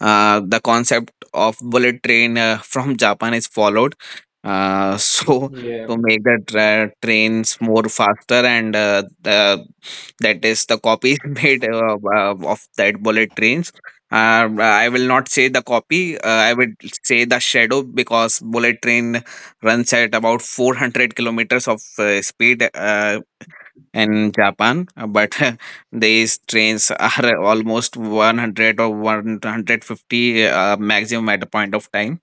[SPEAKER 2] uh, the concept of bullet train from Japan is followed. So to
[SPEAKER 3] yeah.
[SPEAKER 2] make the trains more faster, and the, that is the copies made of that bullet trains. I will not say the copy. I would say the shadow, because bullet train runs at about 400 kilometers of speed and Japan, but these trains are almost 100 or 150 maximum at a point of time.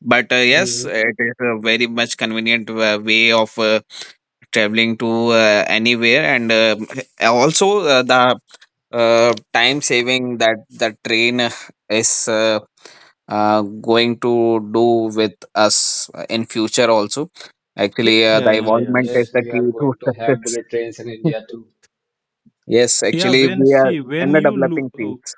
[SPEAKER 2] But yes,
[SPEAKER 3] Mm.
[SPEAKER 2] it is a very much convenient way of traveling to anywhere, and also the time saving that the train is going to do with us in future also. Actually,
[SPEAKER 1] Yeah,
[SPEAKER 2] the
[SPEAKER 1] yeah,
[SPEAKER 2] involvement is
[SPEAKER 1] yes.
[SPEAKER 3] Yes,
[SPEAKER 2] the
[SPEAKER 3] we are
[SPEAKER 2] key to
[SPEAKER 3] going to have
[SPEAKER 2] success.
[SPEAKER 3] bullet trains in India too.
[SPEAKER 2] Yes,
[SPEAKER 1] yeah
[SPEAKER 2] actually,
[SPEAKER 1] when
[SPEAKER 2] we are
[SPEAKER 1] see
[SPEAKER 2] in
[SPEAKER 1] when
[SPEAKER 2] the
[SPEAKER 1] you look
[SPEAKER 2] developing phase.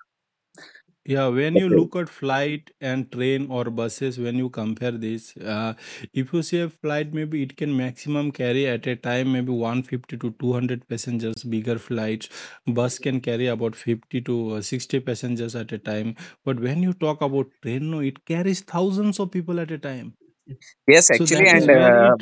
[SPEAKER 1] Yeah, when you
[SPEAKER 2] Okay.
[SPEAKER 1] look at flight and train or buses, when you compare this, if you see a flight, maybe it can maximum carry at a time maybe 150 to 200 passengers, bigger flights. Bus can carry about 50 to 60 passengers at a time. But when you talk about train, no, it carries thousands of people at a time,
[SPEAKER 2] Yes,
[SPEAKER 1] so
[SPEAKER 2] actually, and
[SPEAKER 3] Yeah.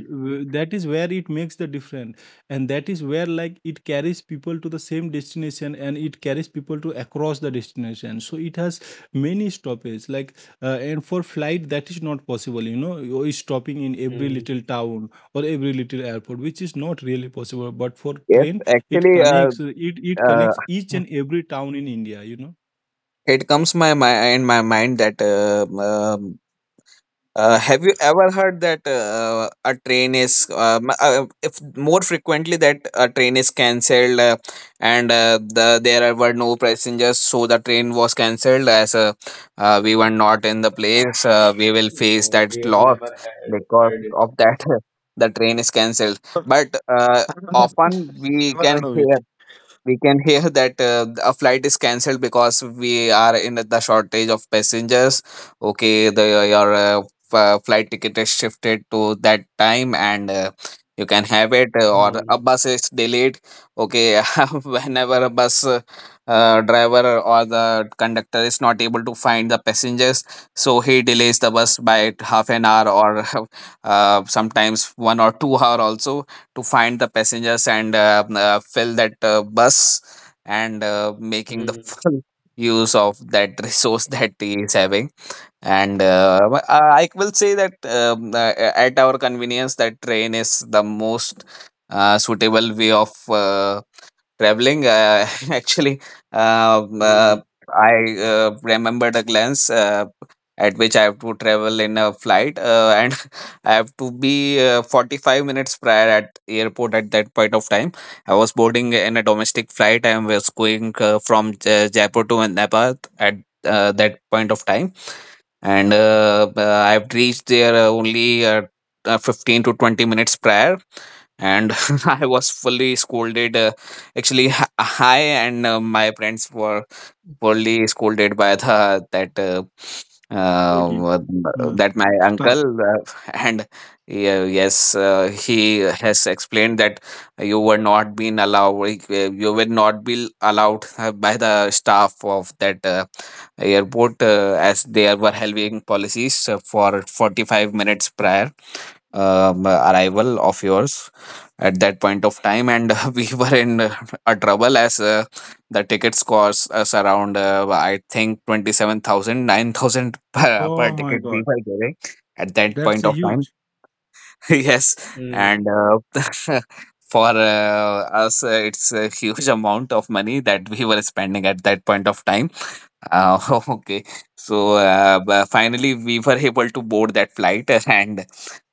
[SPEAKER 1] that is where it makes the difference and that is where like it carries people to the same destination and it carries people to across the destination, so it has many stoppages like and for flight that is not possible, you know, you're stopping in every
[SPEAKER 3] Hmm.
[SPEAKER 1] little town or every little airport which is not really possible but for
[SPEAKER 2] yes,
[SPEAKER 1] train
[SPEAKER 2] actually,
[SPEAKER 1] it connects each
[SPEAKER 2] uh,
[SPEAKER 1] and every town in India, you know.
[SPEAKER 2] it comes my, my in my mind that have you ever heard that a train is if more frequently that a train is cancelled, and the were no passengers, so the train was cancelled, as we were not in the place we will face
[SPEAKER 3] No,
[SPEAKER 2] that
[SPEAKER 3] we have
[SPEAKER 2] loss
[SPEAKER 3] never had
[SPEAKER 2] because
[SPEAKER 3] heard it.
[SPEAKER 2] of that the train is cancelled. But uh, often we can hear, that a flight is cancelled because we are in the shortage of passengers. Okay, the your flight ticket is shifted to that time and you can have it, or a
[SPEAKER 3] Hmm.
[SPEAKER 2] bus is delayed. Okay, whenever a bus driver or the conductor is not able to find the passengers, so he delays the bus by half an hour or sometimes 1 or 2 hour also, to find the passengers and fill that bus and making the
[SPEAKER 3] Hmm.
[SPEAKER 2] full use of that resource that he is having. And I will say that at our convenience, that train is the most suitable way of uh, traveling. Actually, um, uh,
[SPEAKER 3] Hmm.
[SPEAKER 2] I remembered a glance at which I have to travel in a flight, and I have to be 45 minutes prior at airport at that point of time. I was boarding in a domestic flight. I was going from Jaipur to Nepal at that point of time, and I've reached there only 15 to 20 minutes prior, and I was fully scolded. Actually, I and my friends were only scolded by the that
[SPEAKER 1] Pretty.
[SPEAKER 2] uh,
[SPEAKER 1] Uh,
[SPEAKER 2] that my
[SPEAKER 1] Stop.
[SPEAKER 2] uncle and yeah, yes, he has explained that you were not been allowed, like, you were not be allowed by the staff of that airport, as they were having policies for 45 minutes prior arrival of yours at that point of time, and we were in a trouble, as the tickets cost us around I think 27000 9000 per
[SPEAKER 1] Oh my
[SPEAKER 2] ticket we
[SPEAKER 1] God.
[SPEAKER 2] were giving at that
[SPEAKER 1] That's
[SPEAKER 2] point
[SPEAKER 1] a
[SPEAKER 2] of time.
[SPEAKER 1] huge.
[SPEAKER 2] Yes, and
[SPEAKER 3] Hmm.
[SPEAKER 2] for us it's a huge amount of money that we were spending at that point of time. uh, okay. So but finally, we were able to board that flight, and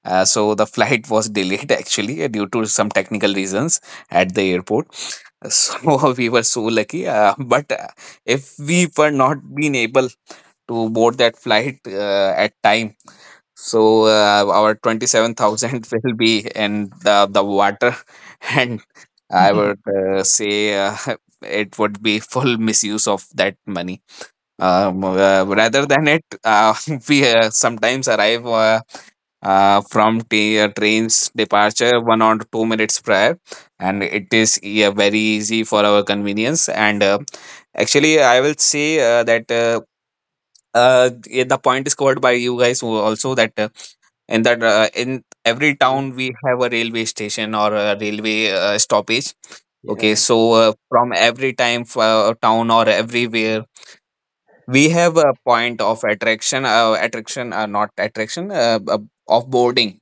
[SPEAKER 2] so the flight was delayed, actually, due to some technical reasons at the airport. So we were so lucky. But if we were not been able to board that flight at time, so our 27,000 will be in the water, and I would say it would be full misuse of that money. Rather than it, we sometimes arrive from train's departure 1 or 2 minutes prior, and it is, yeah, very easy for our convenience. And actually, I will say that yeah, the point is covered by you guys who also, that in that in every
[SPEAKER 3] Hmm.
[SPEAKER 2] town we have a railway station or a railway stoppage. Okay,
[SPEAKER 3] Yeah.
[SPEAKER 2] so from every time town or everywhere, we have a point of attraction, attraction, not attraction, of boarding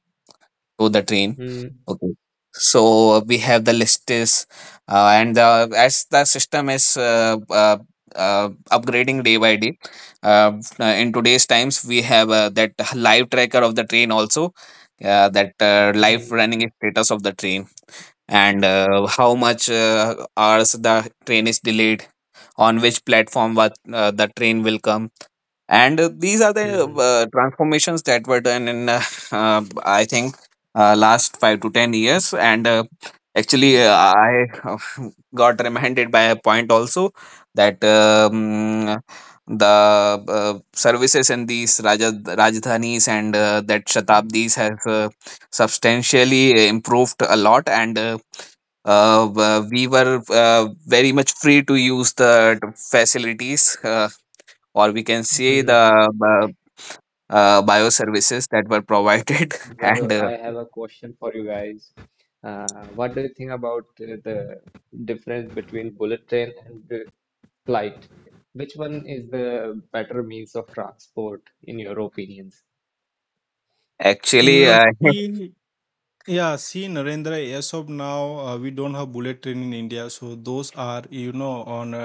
[SPEAKER 2] to the train.
[SPEAKER 3] Hmm.
[SPEAKER 2] Okay, so we have the list is, and as the system is upgrading day by day, uh, in today's times we have that live tracker of the train also, that live
[SPEAKER 3] Hmm.
[SPEAKER 2] running status of the train, and how much hours the train is delayed, on which platform, what the train will come. And these are the
[SPEAKER 3] Hmm.
[SPEAKER 2] transformations that were done in, I think, last 5 to 10 years. And actually,
[SPEAKER 3] Hmm.
[SPEAKER 2] I got reminded by a point also, that the services in these Raja, Rajdhanis and that Shatabdis has substantially improved a lot. And we were very much free to use the facilities, or we can say
[SPEAKER 3] Hmm.
[SPEAKER 2] the bioservices that were provided. And
[SPEAKER 3] Well, I have a question for you guys. What do you think about the difference between bullet train and the flight? Which one is the better means of transport in your opinions?
[SPEAKER 2] actually,
[SPEAKER 1] See, yeah, see, Narendra, as of now, we don't have bullet train in India. So those are, you know, on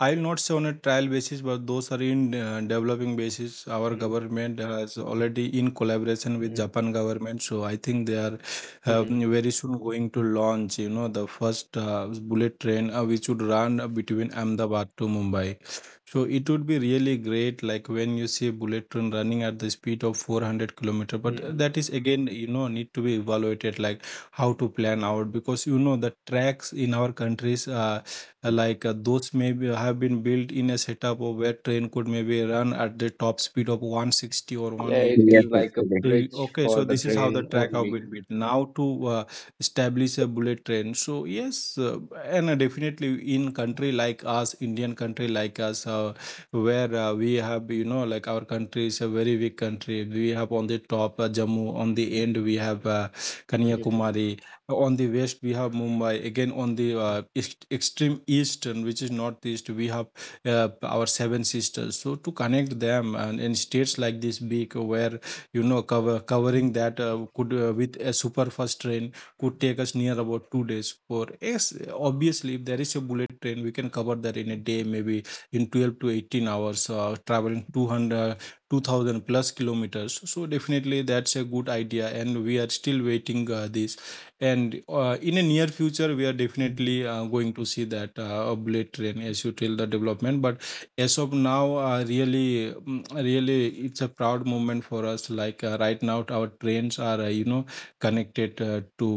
[SPEAKER 1] I will not say on a trial basis, but those are in developing basis. Our government has already in collaboration with
[SPEAKER 3] Hmm.
[SPEAKER 1] Japan government. So I think they are
[SPEAKER 3] Mm.
[SPEAKER 1] very soon going to launch, you know, the first bullet train which would run between Ahmedabad to Mumbai. So it would be really great, like when you see bullet train running at the speed of 400 kilometer. But
[SPEAKER 3] Mm.
[SPEAKER 1] that is again, you know, need to be evaluated, like how to plan out because you know the tracks in our countries, like those maybe have been built in a setup of where train could maybe run at the top speed of 160 or
[SPEAKER 3] Yeah, it
[SPEAKER 1] 180.
[SPEAKER 2] yes,
[SPEAKER 3] is like a
[SPEAKER 2] actually,
[SPEAKER 1] Eh,
[SPEAKER 3] bridge
[SPEAKER 1] okay,
[SPEAKER 3] for
[SPEAKER 1] so
[SPEAKER 3] the
[SPEAKER 1] this is how the
[SPEAKER 3] train
[SPEAKER 1] track have
[SPEAKER 3] only.
[SPEAKER 1] been built. Now to establish a bullet train. So yes, and definitely in country like us, Indian country like us, where we have you know like our country is a very big country. We have on the top Jammu, on the end we have
[SPEAKER 3] Mm.
[SPEAKER 1] Kanyakumari, on the west we have Mumbai. Again on the extreme eastern, which is northeast, we have our seven sisters. So to connect them and in states like this big where you know covering
[SPEAKER 3] Mm.
[SPEAKER 1] that could with a super fast train could take us near about 2 days for yes obviously if there is a bullet train we can cover that in a day maybe in 12 to 18 hours traveling 200, 2,000 plus kilometers so definitely that's a good idea and we are still waiting this and in a near future we are
[SPEAKER 3] Mm.
[SPEAKER 1] definitely going to see that a bullet train as you tell the development. But as of now, really, really, it's a proud moment for us. Like right now, our trains are, you know, connected to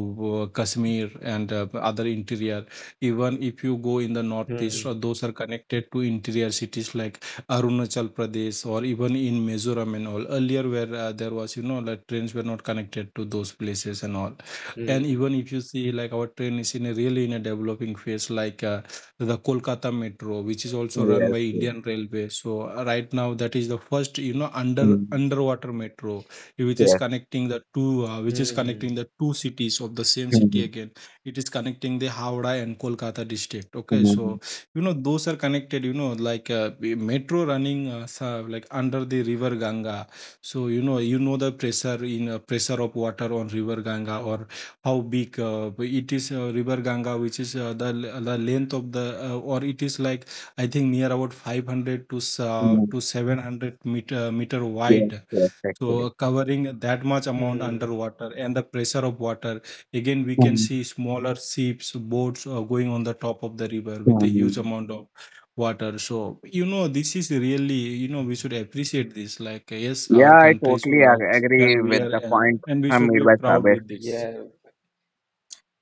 [SPEAKER 1] Kashmir and other interior. Even if you go in the northeast, those are connected to interior cities like Arunachal Pradesh or even in Mizoram and all. Earlier, where there was, you know, like trains were not connected to those places and all.
[SPEAKER 3] Mm.
[SPEAKER 1] And
[SPEAKER 3] Mm.
[SPEAKER 1] even if you see, like our train is in a really in a developing phase, like. The Kolkata Metro, which is also run
[SPEAKER 2] yes,
[SPEAKER 1] by
[SPEAKER 2] yes,
[SPEAKER 1] Indian Railway. So right now, that is the first, you know,
[SPEAKER 2] mm,
[SPEAKER 1] underwater metro, which is
[SPEAKER 2] yes,
[SPEAKER 1] connecting the two, which is connecting
[SPEAKER 3] Mm.
[SPEAKER 1] the two cities of the same city
[SPEAKER 2] mm,
[SPEAKER 1] again. It is connecting the Howrah and Kolkata district. Okay,
[SPEAKER 2] mm, mm,
[SPEAKER 1] so you know those are connected. You know, like the metro running like under the river Ganga. So you know the pressure in pressure of water on river Ganga or how big? It is River Ganga, which is the length of the or it is like, I think, near about 500 to
[SPEAKER 2] mm,
[SPEAKER 1] 700 meter meter
[SPEAKER 2] yes,
[SPEAKER 1] wide.
[SPEAKER 2] yes,
[SPEAKER 1] So
[SPEAKER 2] actually.
[SPEAKER 1] covering that much amount
[SPEAKER 3] Mm.
[SPEAKER 1] underwater, and the pressure of water. Again, we can
[SPEAKER 2] Mm,
[SPEAKER 1] see smaller ships, boats going on the top of the river with a huge
[SPEAKER 2] mm.
[SPEAKER 1] amount of water. So this is really, we should appreciate this. Like, yes,
[SPEAKER 2] Yeah,
[SPEAKER 1] our
[SPEAKER 2] I
[SPEAKER 1] countries
[SPEAKER 2] totally
[SPEAKER 1] were, and
[SPEAKER 2] agree
[SPEAKER 1] we
[SPEAKER 2] with
[SPEAKER 1] are,
[SPEAKER 2] the
[SPEAKER 1] and,
[SPEAKER 2] point
[SPEAKER 1] and we should
[SPEAKER 2] made
[SPEAKER 1] be
[SPEAKER 2] by
[SPEAKER 1] proud
[SPEAKER 2] Sabir.
[SPEAKER 1] with this.
[SPEAKER 3] Yeah.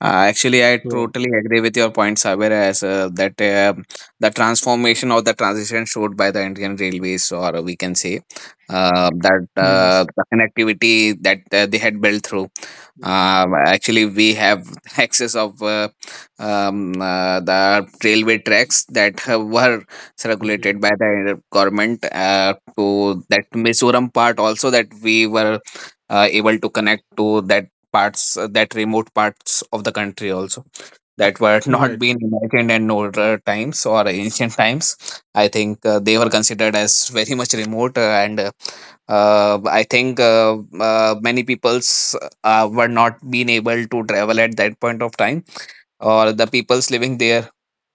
[SPEAKER 2] Actually, I
[SPEAKER 1] So
[SPEAKER 2] totally agree with your point, Saber, as that the transformation or the transition showed by the Indian Railways, or we can say that
[SPEAKER 1] yes,
[SPEAKER 2] the connectivity that they had built through. Actually, we have access of the railway tracks that have, were
[SPEAKER 3] Mm.
[SPEAKER 2] circulated by the government to that Mizoram part also, that we were able to connect to that parts that remote parts of the country also, that were not
[SPEAKER 1] right.
[SPEAKER 2] being imagined in older times or ancient times. I think they were considered as very much remote, and I think many peoples were not being able to travel at that point of time, or the peoples living there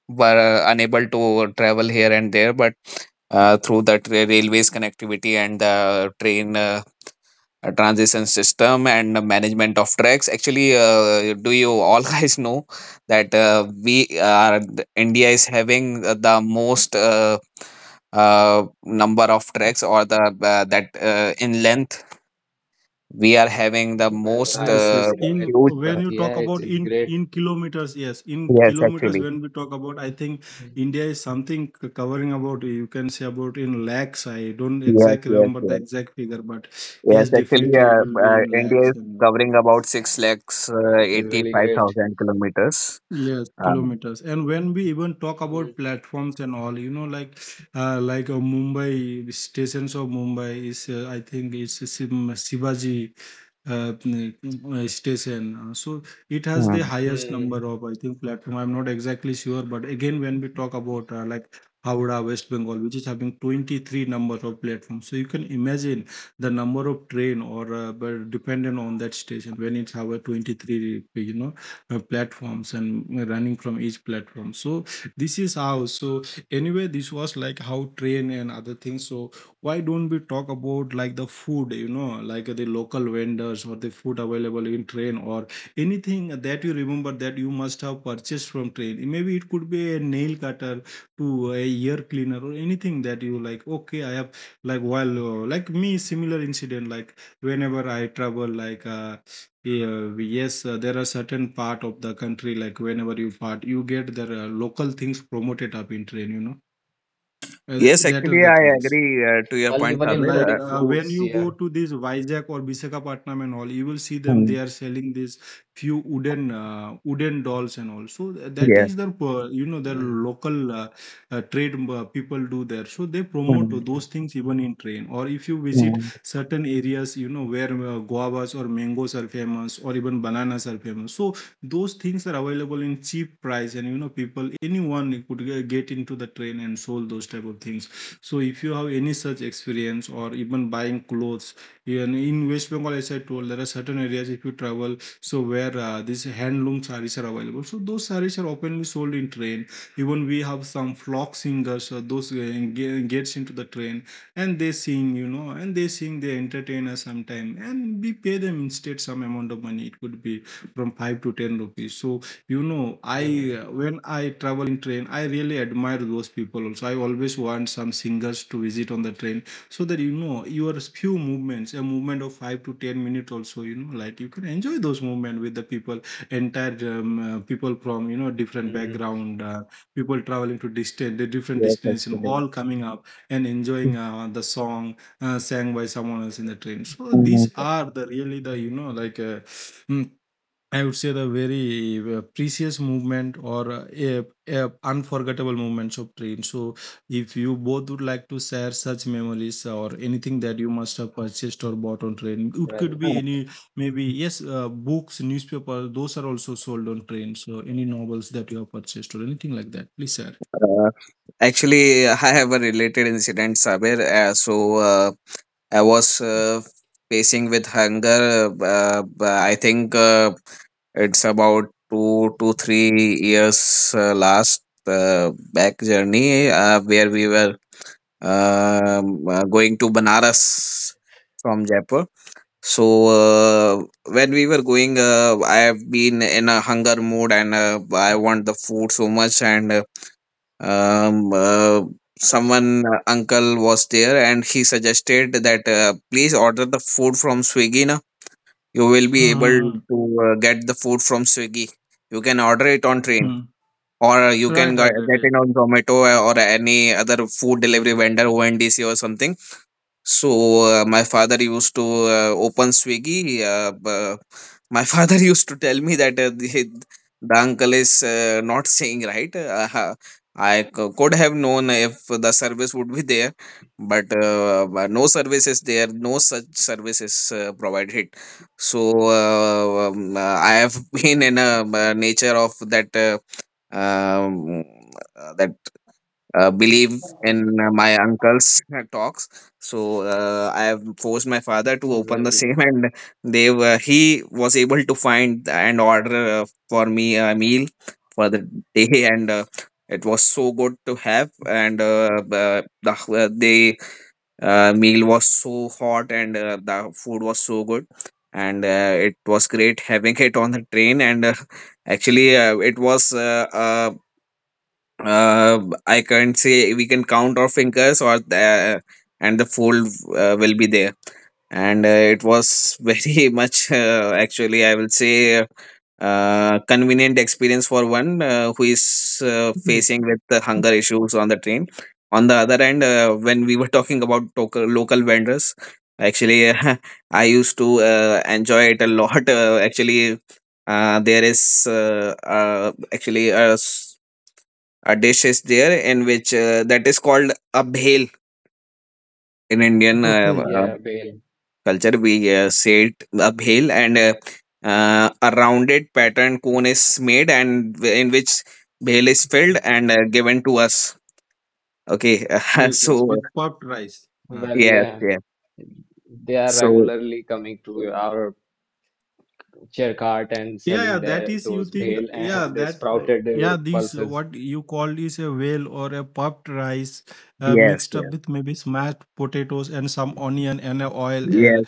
[SPEAKER 2] were unable to travel here and there. But through the railways connectivity and the train transition system and the management of tracks. Actually, do you all guys know that we are India is having the most number of tracks, or the that in length we are having the
[SPEAKER 3] Well,
[SPEAKER 2] most
[SPEAKER 3] I
[SPEAKER 1] Yes, yes.
[SPEAKER 3] didn't know it,
[SPEAKER 1] In
[SPEAKER 2] huge.
[SPEAKER 1] when
[SPEAKER 3] but
[SPEAKER 1] you
[SPEAKER 3] yeah,
[SPEAKER 1] talk
[SPEAKER 3] it
[SPEAKER 1] about
[SPEAKER 3] is
[SPEAKER 1] in
[SPEAKER 3] great.
[SPEAKER 1] in kilometers, yes, in
[SPEAKER 2] Yes,
[SPEAKER 1] kilometers.
[SPEAKER 2] actually,
[SPEAKER 1] When we talk about, I think
[SPEAKER 3] Mm.
[SPEAKER 1] India is something covering about, you can say, about in lakhs. I don't
[SPEAKER 2] yes,
[SPEAKER 1] exactly
[SPEAKER 2] yes,
[SPEAKER 1] remember the
[SPEAKER 2] yes,
[SPEAKER 1] exact figure, but
[SPEAKER 2] yes.
[SPEAKER 1] yes,
[SPEAKER 2] Actually,
[SPEAKER 1] definitely it will be in
[SPEAKER 2] India
[SPEAKER 1] lakhs.
[SPEAKER 2] is
[SPEAKER 1] And
[SPEAKER 2] covering about six lakhs
[SPEAKER 3] Well, it is
[SPEAKER 2] eighty
[SPEAKER 3] really
[SPEAKER 2] five
[SPEAKER 3] great.
[SPEAKER 2] thousand kilometers.
[SPEAKER 1] yes,
[SPEAKER 2] Uh,
[SPEAKER 1] kilometers. And when we even talk
[SPEAKER 3] Mm.
[SPEAKER 1] about platforms and all, you know, like Mumbai, the stations of Mumbai is, I think, it's a Shivaji station. So it has the
[SPEAKER 2] hmm.
[SPEAKER 1] highest
[SPEAKER 3] Mm.
[SPEAKER 1] number of, I think, platform. I'm not exactly sure, but again, when we talk about like Howrah, West Bengal, which is having 23 number of platforms, so you can imagine the number of train, or but dependent on that station, when it's have a 23, platforms and running from each platform. So this is how. So anyway, this was like how train and other things. So why don't we talk about like the food, you know, like the local vendors or the food available in train or anything that you remember that you must have purchased from train? Maybe it could be a nail cutter to a ear cleaner or anything that you like. Okay, I have like, while like me, similar incident, like whenever I travel, like yeah, yes, there are certain part of the country, like whenever you part, you get their local things promoted up in train, you know. Uh,
[SPEAKER 2] Yes,
[SPEAKER 1] that are
[SPEAKER 2] actually,
[SPEAKER 1] the
[SPEAKER 2] I
[SPEAKER 1] things,
[SPEAKER 2] agree to your
[SPEAKER 3] Well,
[SPEAKER 2] point,
[SPEAKER 3] even
[SPEAKER 2] Sabir.
[SPEAKER 1] like
[SPEAKER 3] including
[SPEAKER 1] when
[SPEAKER 3] fruits,
[SPEAKER 1] you
[SPEAKER 3] yeah.
[SPEAKER 1] go to this Vizag or Visakhapatnam and all, you will see them.
[SPEAKER 2] Mm,
[SPEAKER 1] They are selling these few wooden wooden dolls and all. So that
[SPEAKER 2] yes,
[SPEAKER 1] is their you know, their
[SPEAKER 3] Mm.
[SPEAKER 1] local trade people do there. So they promote
[SPEAKER 2] mm,
[SPEAKER 3] Mm.
[SPEAKER 1] those things even in train. Or if you visit
[SPEAKER 2] mm,
[SPEAKER 1] certain areas, you know, where guavas or mangoes are famous, or even bananas are famous. So those things are available in cheap price, and, you know, people, anyone could get into the train and sold those type of things. So if you have any such experience, or even buying clothes, even in West Bengal, as I told, there are certain areas if you travel, so where these handloom sarees are available. So those sarees are openly sold in train. Even we have some flock singers, those gets into the train, and they sing, you know, and they sing, they entertain us sometime, and we pay them instead some amount of money. It could be from 5 to 10 rupees. So, you know, I
[SPEAKER 3] Mm.
[SPEAKER 1] when I travel in train, I really admire those people. Also, I always want some singers to visit on the train, so that, you know, your few movements, a movement of 5 to 10 minutes also, you know, like you can enjoy those movement with the people entire people from, you know, different
[SPEAKER 3] Mm.
[SPEAKER 1] background, people traveling to distant the different
[SPEAKER 2] yes,
[SPEAKER 1] destination,
[SPEAKER 2] actually.
[SPEAKER 1] all coming up and enjoying the song sang by someone else in the train. So these
[SPEAKER 2] Mm,
[SPEAKER 1] are the really, the, you know, like mm, I would say, the very precious movement or a unforgettable moments of train. So if you both would like to share such memories or anything that you must have purchased or bought on train, it could
[SPEAKER 3] Well,
[SPEAKER 1] be any, maybe, yes, books, newspaper. Those are also sold on train. So any novels that you have purchased or anything like that, please share.
[SPEAKER 2] uh, actually, I have a related incident, Sabir. So I was facing with hunger. I think it's about 2 to 3 years last back journey where we were going to Banaras from Jaipur. So when we were going, I have been in a hunger mood and I want the food so much. And um, uh, Someone uncle was there, and he suggested that please order the food from Swiggy. Na? You will be able
[SPEAKER 1] Mm-hmm.
[SPEAKER 2] to get the food from Swiggy. You can order it on train, or you can
[SPEAKER 1] Right, right, right.
[SPEAKER 2] get
[SPEAKER 1] Yes.
[SPEAKER 2] it on Zomato or any other food delivery vendor, ONDC or something. So my father used to open Swiggy. My father used to tell me that the uncle is not saying right. I could have known if the service would be there, but no service is there. No such service is provided. So I have been in a nature of um, that believe in my uncle's talks. So I have forced my father to open the
[SPEAKER 3] well,
[SPEAKER 2] same, and he was able to find and order for me a meal for the day, and it was so good to have. And the uh, they, meal was so hot, and the food was so good. And it was great having it on the train, and actually, it was I can't say we can count our fingers or and the fold will be there. And it was very much, actually, I will say, convenient experience for one who is facing with the hunger issues on the train. On the other hand, when we were talking about local vendors, actually, I used to enjoy it a lot. Actually, there is actually a a dish is there in which that is called a bhel in Indian
[SPEAKER 1] Okay.
[SPEAKER 3] yeah, well,
[SPEAKER 2] culture. We say it a bhel, and a rounded pattern cone is made, and in which bhel is filled and given to us. Okay.
[SPEAKER 1] Yes, yes.
[SPEAKER 2] So
[SPEAKER 1] With puffed rice.
[SPEAKER 3] well,
[SPEAKER 2] yes,
[SPEAKER 3] yeah.
[SPEAKER 2] yes.
[SPEAKER 3] They are
[SPEAKER 2] So
[SPEAKER 3] regularly coming to our chair cart and
[SPEAKER 1] Yeah, yeah,
[SPEAKER 3] selling
[SPEAKER 1] that
[SPEAKER 3] their
[SPEAKER 1] is, you
[SPEAKER 3] those
[SPEAKER 1] think,
[SPEAKER 3] bale
[SPEAKER 1] yeah,
[SPEAKER 3] and
[SPEAKER 1] that
[SPEAKER 3] sprouted
[SPEAKER 1] yeah, this
[SPEAKER 3] pulses
[SPEAKER 1] what you call is a whale or a puffed rice
[SPEAKER 2] yes,
[SPEAKER 1] mixed up
[SPEAKER 2] yes,
[SPEAKER 1] with maybe smashed potatoes and some onion and a oil and
[SPEAKER 2] yes.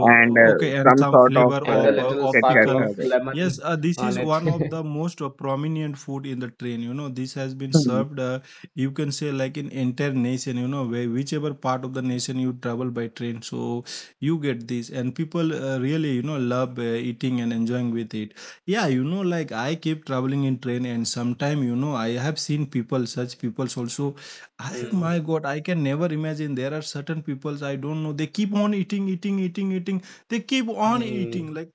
[SPEAKER 2] And
[SPEAKER 1] okay, and
[SPEAKER 2] some
[SPEAKER 1] some
[SPEAKER 2] sort of
[SPEAKER 1] flavor
[SPEAKER 3] and a little
[SPEAKER 1] of
[SPEAKER 2] chit chat
[SPEAKER 3] sparkle of
[SPEAKER 1] pickle.
[SPEAKER 2] are there.
[SPEAKER 1] Yes,
[SPEAKER 3] lemon
[SPEAKER 1] this
[SPEAKER 3] on
[SPEAKER 1] is
[SPEAKER 3] it.
[SPEAKER 1] one of the most prominent food in the train, you know. This has been
[SPEAKER 2] Hmm.
[SPEAKER 1] served you can say, like in entire nation, you know, where whichever part of the nation you travel by train, so you get this, and people really, you know, love eating and enjoying with it. Yeah, you know, like, I keep traveling in train, and sometime, you know, I have seen people, such peoples also. I,
[SPEAKER 3] Mm.
[SPEAKER 1] my God, I can never imagine. There are certain peoples, I don't know. They keep on eating, eating, eating, eating. They keep on
[SPEAKER 3] Mm.
[SPEAKER 1] eating. Like,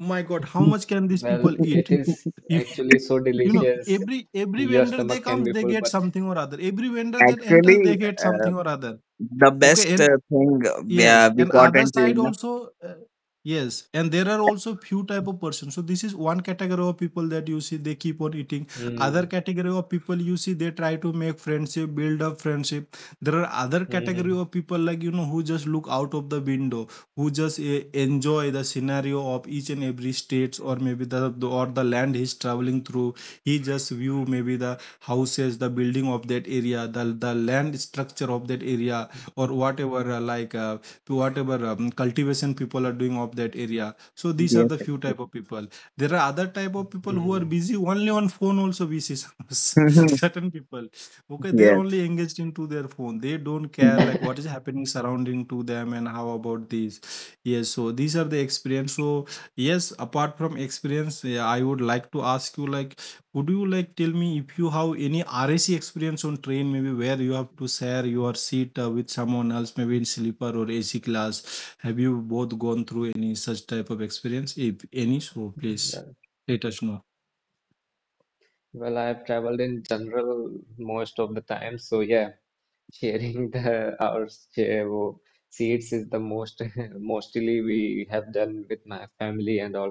[SPEAKER 1] my God, how much can these people
[SPEAKER 3] Well,
[SPEAKER 1] eat?
[SPEAKER 3] it is
[SPEAKER 1] You
[SPEAKER 3] actually so
[SPEAKER 1] you know,
[SPEAKER 3] delicious.
[SPEAKER 1] every
[SPEAKER 3] Your
[SPEAKER 1] vendor, they
[SPEAKER 3] stomach can
[SPEAKER 1] comes,
[SPEAKER 3] be
[SPEAKER 1] they
[SPEAKER 3] full,
[SPEAKER 1] get
[SPEAKER 3] but
[SPEAKER 1] something or other. Every vendor that enters,
[SPEAKER 2] Actually,
[SPEAKER 1] they get
[SPEAKER 2] uh,
[SPEAKER 1] something or other.
[SPEAKER 2] the best
[SPEAKER 1] Okay, and
[SPEAKER 2] thing uh, we, uh,
[SPEAKER 1] yes,
[SPEAKER 2] we
[SPEAKER 1] and
[SPEAKER 2] got
[SPEAKER 1] other
[SPEAKER 2] in
[SPEAKER 1] side
[SPEAKER 2] train.
[SPEAKER 1] also, yes, and there are also few type of person. So this is one category of people that you see, they keep on eating. Other
[SPEAKER 3] mm,
[SPEAKER 1] category of people you see, they try to make friendship, build up friendship. There are other category
[SPEAKER 3] mm,
[SPEAKER 1] of people, like, you know, who just look out of the window, who just enjoy the scenario of each and every states, or maybe the, or the land he's traveling through. He just view maybe the houses, the building of that area, the land structure of that area, or whatever like to whatever cultivation people are doing of that area. So these are
[SPEAKER 2] Yes.
[SPEAKER 1] the few type of people. There are other type of people who are
[SPEAKER 3] mm.
[SPEAKER 1] busy only on phone also, we see some
[SPEAKER 2] Mhm.
[SPEAKER 1] certain people. Okay, they're
[SPEAKER 2] Yes.
[SPEAKER 1] only engaged into their phone, they don't care
[SPEAKER 2] Mhm.
[SPEAKER 1] like what is happening surrounding to them. And how about these? Yes, so these are the experience. So yes, apart from experience, yeah, I would like to ask you, like, would you like tell me if you have any RAC experience on train, maybe where you have to share your seat with someone else, maybe in sleeper or AC class? Have you both gone through any such type of experience? If any, so please
[SPEAKER 3] Well,
[SPEAKER 1] let us know.
[SPEAKER 3] well, I've traveled in general most of the time, so yeah. Sharing the our share wo- seats is the most mostly we have done with my family and all.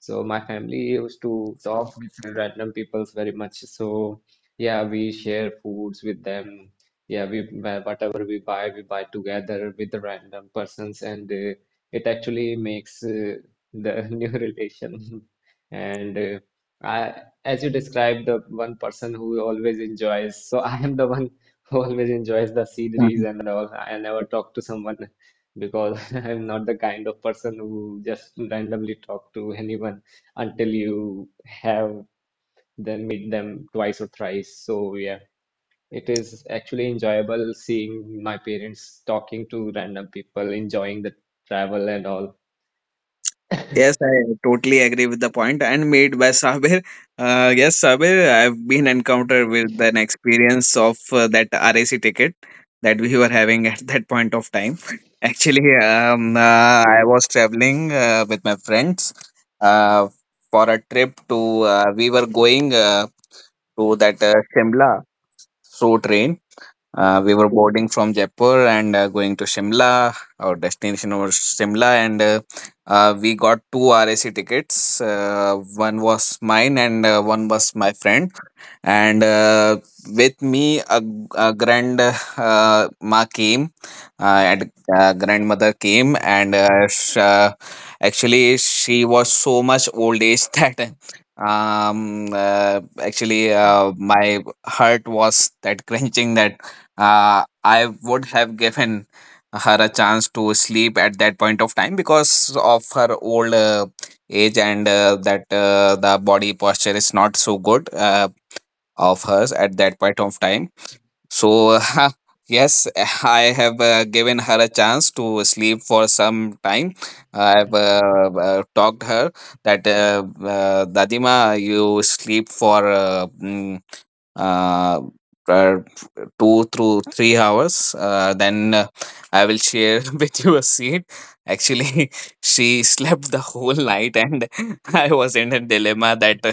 [SPEAKER 3] So my family used to talk with random peoples very much. So yeah, we share foods with them. Yeah, we buy whatever we buy together with the random persons, and it actually makes the new relation. And I, as you described, the one person who always enjoys. So I am the one always enjoys the sceneries
[SPEAKER 2] Mhm.
[SPEAKER 3] and all. I never talk to someone because I'm not the kind of person who just randomly talk to anyone until you have then meet them twice or thrice. So yeah, it is actually enjoyable seeing my parents talking to random people, enjoying the travel and all.
[SPEAKER 2] Yes, I totally agree with the point and made by Sabir. Yes, Sabir, I've been encountered with an experience of that RAC ticket that we were having at that point of time. Actually,
[SPEAKER 3] Mm.
[SPEAKER 2] I was traveling with my friends uh, for a we were going to that Shimla through train.
[SPEAKER 3] Mm.
[SPEAKER 2] We were boarding from Jaipur and going to Shimla. Our destination was Shimla, and we got two RAC tickets. One was mine, and one was my friend. And with me, a grand ma came, and grandmother came, and actually she was so much old age that. Actually, my heart was that crunching that I would have given her a chance to sleep at that point of time because of her old age, and that the body posture is not so good of hers at that point of time. So, yes, I have given her a chance to sleep for some time. I have talked her that Dadima, you sleep for uh, uh, 2 through 3 hours. Then I will share with you a seat. Actually, she slept the whole night, and I was in a dilemma that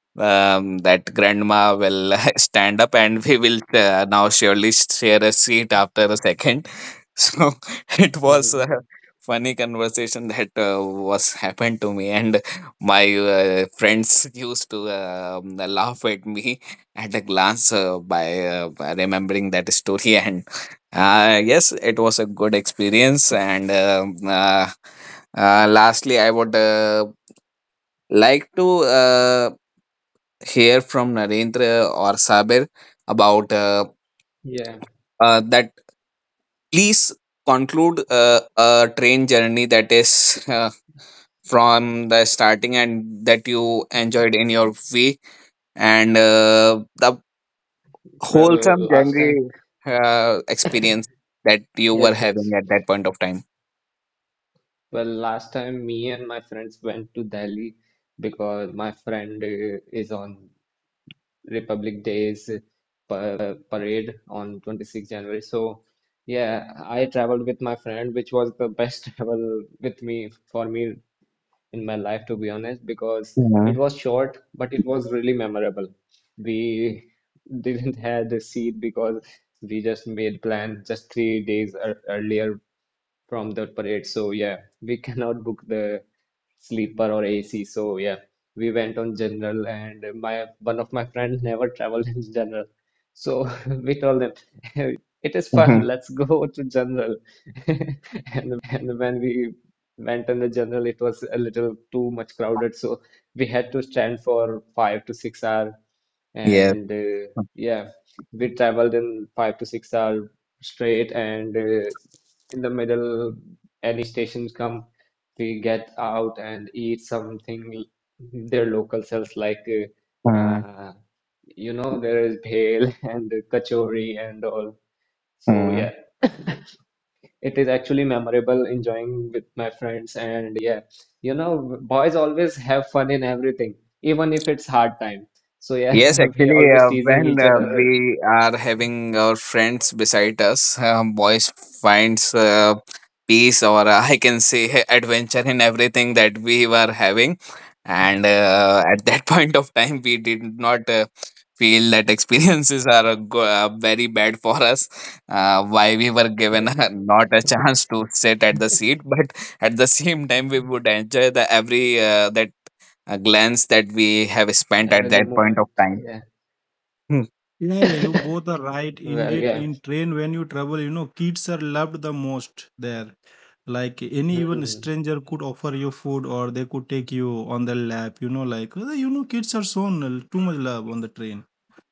[SPEAKER 2] that grandma will stand up, and we will now surely share a seat after a second. So it was a
[SPEAKER 3] Mm.
[SPEAKER 2] funny conversation that was happened to me, and my friends used to laugh at me at a glance by remembering that story. And yes, it was a good experience. And lastly, I would like to hear from Narendra or Sabir about
[SPEAKER 3] Yeah,
[SPEAKER 2] that. Please conclude a train journey that is from the starting and that you enjoyed in your way, and the
[SPEAKER 3] well,
[SPEAKER 2] wholesome
[SPEAKER 3] last time,
[SPEAKER 2] journey experience that you were
[SPEAKER 3] yes,
[SPEAKER 2] having
[SPEAKER 3] yes.
[SPEAKER 2] at that point of time.
[SPEAKER 3] Well, last time me and my friends went to Delhi because my friend is on Republic Day's parade on 26 January. So, yeah, I traveled with my friend, which was the best travel with me for me in my life, to be honest, because it
[SPEAKER 2] Mm-hmm.
[SPEAKER 3] was short, but it was really memorable. We didn't have the seat because we just made plan just 3 days earlier from the parade. So, yeah, we cannot book the sleeper or AC. So yeah, we went on general, and my one of my friends never traveled in general, so we told him it is
[SPEAKER 2] Hmm.
[SPEAKER 3] fun. Let's go to general. And when we went in the general, it was a little too much crowded, so we had to stand for 5 to 6 hours,
[SPEAKER 2] Yes.
[SPEAKER 3] and yeah, we traveled in 5 to 6 hours straight, and in the middle any stations come we get out and eat something their local sells like
[SPEAKER 2] Mm-hmm.
[SPEAKER 3] you know there is bhel and kachori and all so yeah it is actually memorable enjoying with my friends and yeah you know boys always have fun in everything even if it's hard time so
[SPEAKER 2] Yes,
[SPEAKER 3] yeah we
[SPEAKER 2] actually,
[SPEAKER 3] always teasing
[SPEAKER 2] when
[SPEAKER 3] each other
[SPEAKER 2] we are having our friends beside us, boys finds peace or I can say adventure in everything that we were having. And at that point of time, we did not feel that experiences are very bad for us. Why we were given
[SPEAKER 3] yeah
[SPEAKER 2] not a chance to sit at the seat, but at the same time, we would enjoy the every that glance that we have spent at
[SPEAKER 3] every the
[SPEAKER 2] that point of
[SPEAKER 3] moment
[SPEAKER 2] time.
[SPEAKER 3] yeah
[SPEAKER 2] Hmm.
[SPEAKER 1] Yeah, yeah, you both are right.
[SPEAKER 3] well
[SPEAKER 1] Indeed,
[SPEAKER 3] yeah.
[SPEAKER 1] in train when you travel, you know, kids are loved the most there. Like, any even
[SPEAKER 3] Hmm.
[SPEAKER 1] stranger could offer you food, or they could take you on their lap, you know, like, kids are shown too much love on the train.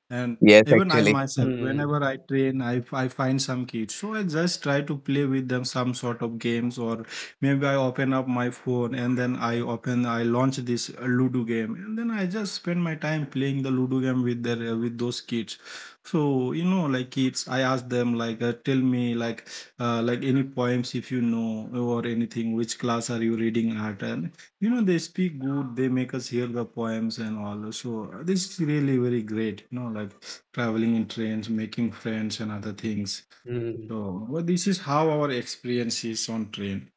[SPEAKER 1] And
[SPEAKER 2] Yes,
[SPEAKER 1] even I
[SPEAKER 2] actually.
[SPEAKER 1] myself,
[SPEAKER 3] Hmm.
[SPEAKER 1] whenever I train, I find some kids. So I just try to play with them some sort of games, or maybe I open up my phone, and then I open, I launch this Ludo game, and then I just spend my time playing the Ludo game with their with those kids. So you know, like, kids, I ask them, like, tell me, like any poems, if you know, or anything. Which class are you reading at? And you know, they speak good, they make us hear the poems and all. So this is really very great, you know, like traveling in trains, making friends and other things.
[SPEAKER 3] Mm.
[SPEAKER 1] So, well, this is how our experience is on train.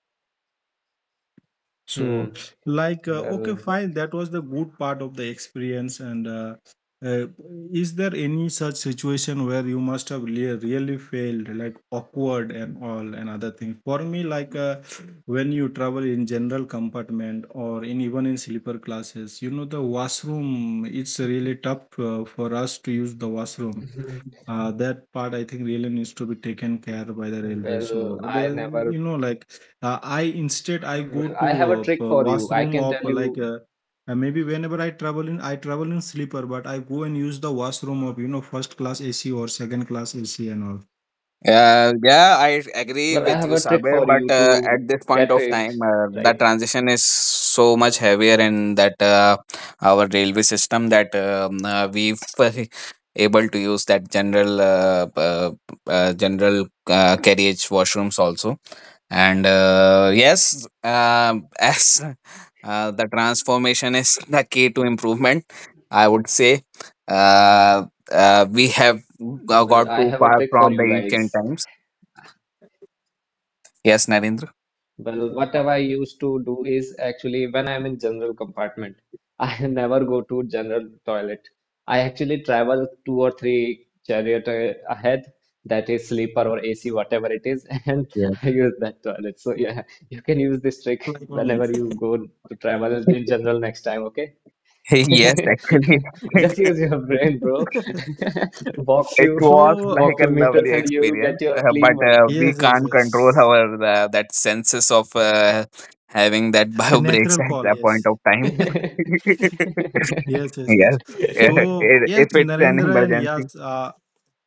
[SPEAKER 1] So,
[SPEAKER 3] Mm.
[SPEAKER 1] like, okay,
[SPEAKER 3] Well,
[SPEAKER 1] fine, that was the good part of the experience. And uh, is there any such situation where you must have really, really failed, like awkward and all and other things? For me, like, when you travel in general compartment, or in even in sleeper classes, you know, the washroom, it's really tough for us to use the washroom. That part, I think, really needs to be taken care by the railway.
[SPEAKER 3] well,
[SPEAKER 1] So
[SPEAKER 3] I
[SPEAKER 1] then,
[SPEAKER 3] never.
[SPEAKER 1] you know, like, I instead, I go
[SPEAKER 3] Well, I have a
[SPEAKER 1] to
[SPEAKER 3] trick for you. I
[SPEAKER 1] washroom
[SPEAKER 3] can
[SPEAKER 1] of,
[SPEAKER 3] tell
[SPEAKER 1] like,
[SPEAKER 3] you.
[SPEAKER 1] maybe whenever I travel in, I travel in sleeper, but I go and use the washroom of, you know, first class AC or second class AC and all.
[SPEAKER 2] Yeah, I agree
[SPEAKER 3] Well, I
[SPEAKER 2] with
[SPEAKER 3] have
[SPEAKER 2] you,
[SPEAKER 3] a trick
[SPEAKER 2] Saber.
[SPEAKER 3] for
[SPEAKER 2] But
[SPEAKER 3] you to
[SPEAKER 2] at this point
[SPEAKER 3] get
[SPEAKER 2] of
[SPEAKER 3] it
[SPEAKER 2] time, the
[SPEAKER 3] right.
[SPEAKER 2] transition is so much heavier in that our railway system, that we've able to use that general carriage washrooms also. And yes, as the transformation is the key to improvement, I would say. Uh, we have
[SPEAKER 3] Well,
[SPEAKER 2] got
[SPEAKER 3] I
[SPEAKER 2] too
[SPEAKER 3] have a
[SPEAKER 2] far
[SPEAKER 3] trick for
[SPEAKER 2] from the
[SPEAKER 3] you
[SPEAKER 2] ancient
[SPEAKER 3] guys.
[SPEAKER 2] times. Yes, Narendra.
[SPEAKER 3] Well, whatever I used to do is actually when I am in general compartment, I never go to general toilet. I actually travel two or three chariot ahead, that is sleeper or AC, whatever it is, and
[SPEAKER 2] Yeah.
[SPEAKER 3] I use that toilet. So yeah, you can use this trick
[SPEAKER 1] Like me.
[SPEAKER 3] whenever you go to travel in general next time, okay?
[SPEAKER 2] Yes, actually,
[SPEAKER 3] Just use your brain, bro. Walk
[SPEAKER 2] it
[SPEAKER 3] few,
[SPEAKER 2] was
[SPEAKER 1] So
[SPEAKER 2] like
[SPEAKER 3] walk few
[SPEAKER 2] a
[SPEAKER 3] meters,
[SPEAKER 2] lovely
[SPEAKER 3] and you will get
[SPEAKER 2] experience,
[SPEAKER 3] your
[SPEAKER 2] uh,
[SPEAKER 3] clean
[SPEAKER 2] but
[SPEAKER 3] one.
[SPEAKER 2] uh, we
[SPEAKER 1] yes, yes,
[SPEAKER 2] can't control
[SPEAKER 1] yes.
[SPEAKER 2] our that senses of having that
[SPEAKER 1] A
[SPEAKER 2] bio breaks
[SPEAKER 1] natural
[SPEAKER 2] at
[SPEAKER 1] call,
[SPEAKER 2] that
[SPEAKER 1] yes.
[SPEAKER 2] point of time. Yes,
[SPEAKER 1] Yes, yes, yes.
[SPEAKER 2] eh,
[SPEAKER 1] So
[SPEAKER 2] eh,
[SPEAKER 1] yes,
[SPEAKER 2] if it's an
[SPEAKER 1] Narendra, and
[SPEAKER 2] emergency.
[SPEAKER 1] yes,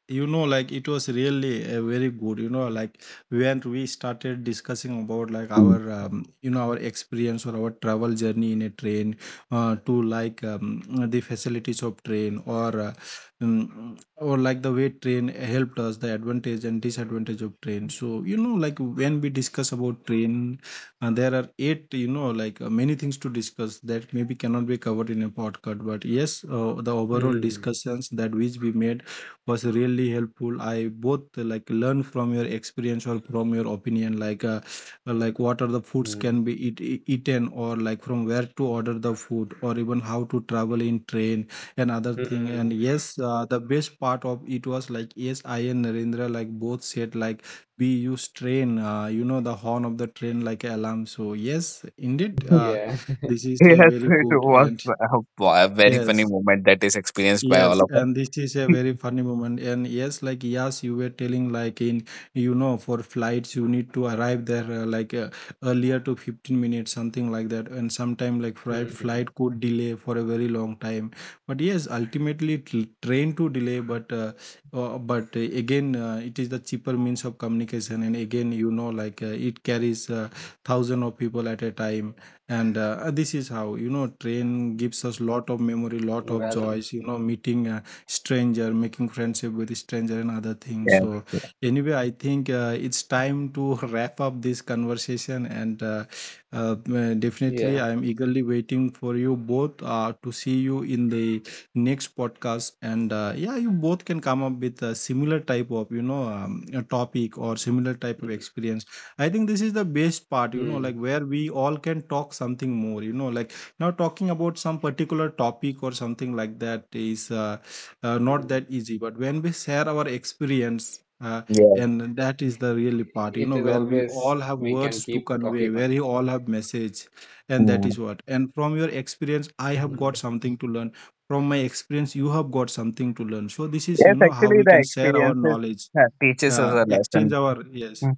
[SPEAKER 1] you know, like, it was really very good, you know, like, when we started discussing about like our
[SPEAKER 2] Mm.
[SPEAKER 1] you know, our experience or our travel journey in a train, to, like, the facilities of train, or like the way train helped us, the advantage and disadvantage of train. So you know, like, when we discuss about train, and there are eight, you know, like, many things to discuss that maybe cannot be covered in a podcast. But yes, the overall
[SPEAKER 3] Hmm.
[SPEAKER 1] discussions that which we made was really helpful. I both like, learn from your experience or from your opinion, like like, what are the foods
[SPEAKER 3] Hmm.
[SPEAKER 1] can be eat, eaten, or like from where to order the food, or even how to travel in train and other thing. And
[SPEAKER 3] Mm,
[SPEAKER 1] yes, the best part of it was, like, yes, I and Narendra, like, both said, like, we use train you know, the horn of the train like alarm. So yes, indeed,
[SPEAKER 3] yeah.
[SPEAKER 1] this is a
[SPEAKER 2] Yes,
[SPEAKER 1] very
[SPEAKER 2] it
[SPEAKER 1] good,
[SPEAKER 2] was
[SPEAKER 1] and
[SPEAKER 2] a very funny
[SPEAKER 1] yes.
[SPEAKER 2] moment that is experienced by all
[SPEAKER 1] Yes,
[SPEAKER 2] of us.
[SPEAKER 1] and this is a very funny moment. And yes, like, yes, you were telling, like, in, you know, for flights, you need to arrive there earlier to 15 minutes, something like that. And sometime, like, flight
[SPEAKER 3] Hmm.
[SPEAKER 1] flight could delay for a very long time. But yes, ultimately, train to delay. But again, it is the cheaper means of communication. And again, you know, like, it carries thousand of people at a time, and this is how, you know, train gives us lot of memory, lot of
[SPEAKER 3] Well,
[SPEAKER 1] joys, you know, meeting a stranger, making friendship with stranger and other things. So
[SPEAKER 2] Yes.
[SPEAKER 1] anyway, I think it's time to wrap up this conversation, and definitely
[SPEAKER 3] yeah.
[SPEAKER 1] I am eagerly waiting for you both to see you in the next podcast. And yeah, you both can come up with a similar type of, you know, a topic or similar type of experience. I think this is the best part, you know, like,
[SPEAKER 3] Hmm.
[SPEAKER 1] where we all can talk something more, you know, like, now talking about some particular topic or something like that is not
[SPEAKER 3] Hmm.
[SPEAKER 1] that easy. But when we share our experience, and that is the really part, you
[SPEAKER 3] It
[SPEAKER 1] know,
[SPEAKER 3] is
[SPEAKER 1] where we all
[SPEAKER 3] always
[SPEAKER 1] have
[SPEAKER 3] we can
[SPEAKER 1] words to
[SPEAKER 3] keep
[SPEAKER 1] convey,
[SPEAKER 3] talking on.
[SPEAKER 1] where you all have message, and that
[SPEAKER 2] Yes.
[SPEAKER 1] is what. And from your experience, I have got
[SPEAKER 3] Hmm.
[SPEAKER 1] something to learn. From my experience, you have got something to learn. So this is, you
[SPEAKER 2] Yes,
[SPEAKER 1] know, how
[SPEAKER 2] actually,
[SPEAKER 1] we
[SPEAKER 2] the
[SPEAKER 1] can share our
[SPEAKER 2] experiences
[SPEAKER 1] knowledge,
[SPEAKER 2] teaches us a
[SPEAKER 1] exchange
[SPEAKER 2] lesson.
[SPEAKER 1] our, yes.
[SPEAKER 2] Mm.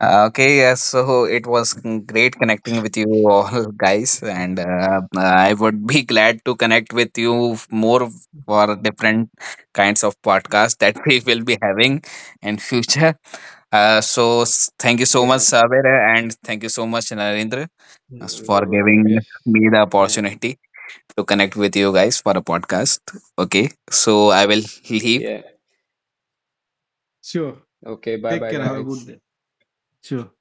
[SPEAKER 2] Okay, yes, so it was great connecting with you all, guys, and I would be glad to connect with you more for different kinds of podcasts that we will be having in future. Thank you so much,
[SPEAKER 3] Yeah.
[SPEAKER 2] Saber, and thank you so much, Narendra, as
[SPEAKER 3] Mm,
[SPEAKER 2] for
[SPEAKER 3] you're
[SPEAKER 2] giving
[SPEAKER 3] welcome. Yes.
[SPEAKER 2] me the
[SPEAKER 3] And
[SPEAKER 2] opportunity to connect with you guys for a podcast. Okay, so I will leave.
[SPEAKER 3] yeah.
[SPEAKER 1] Sure.
[SPEAKER 3] Okay. Bye
[SPEAKER 1] Take
[SPEAKER 3] bye,
[SPEAKER 1] care. Have a good
[SPEAKER 3] guys.
[SPEAKER 1] day. Sure.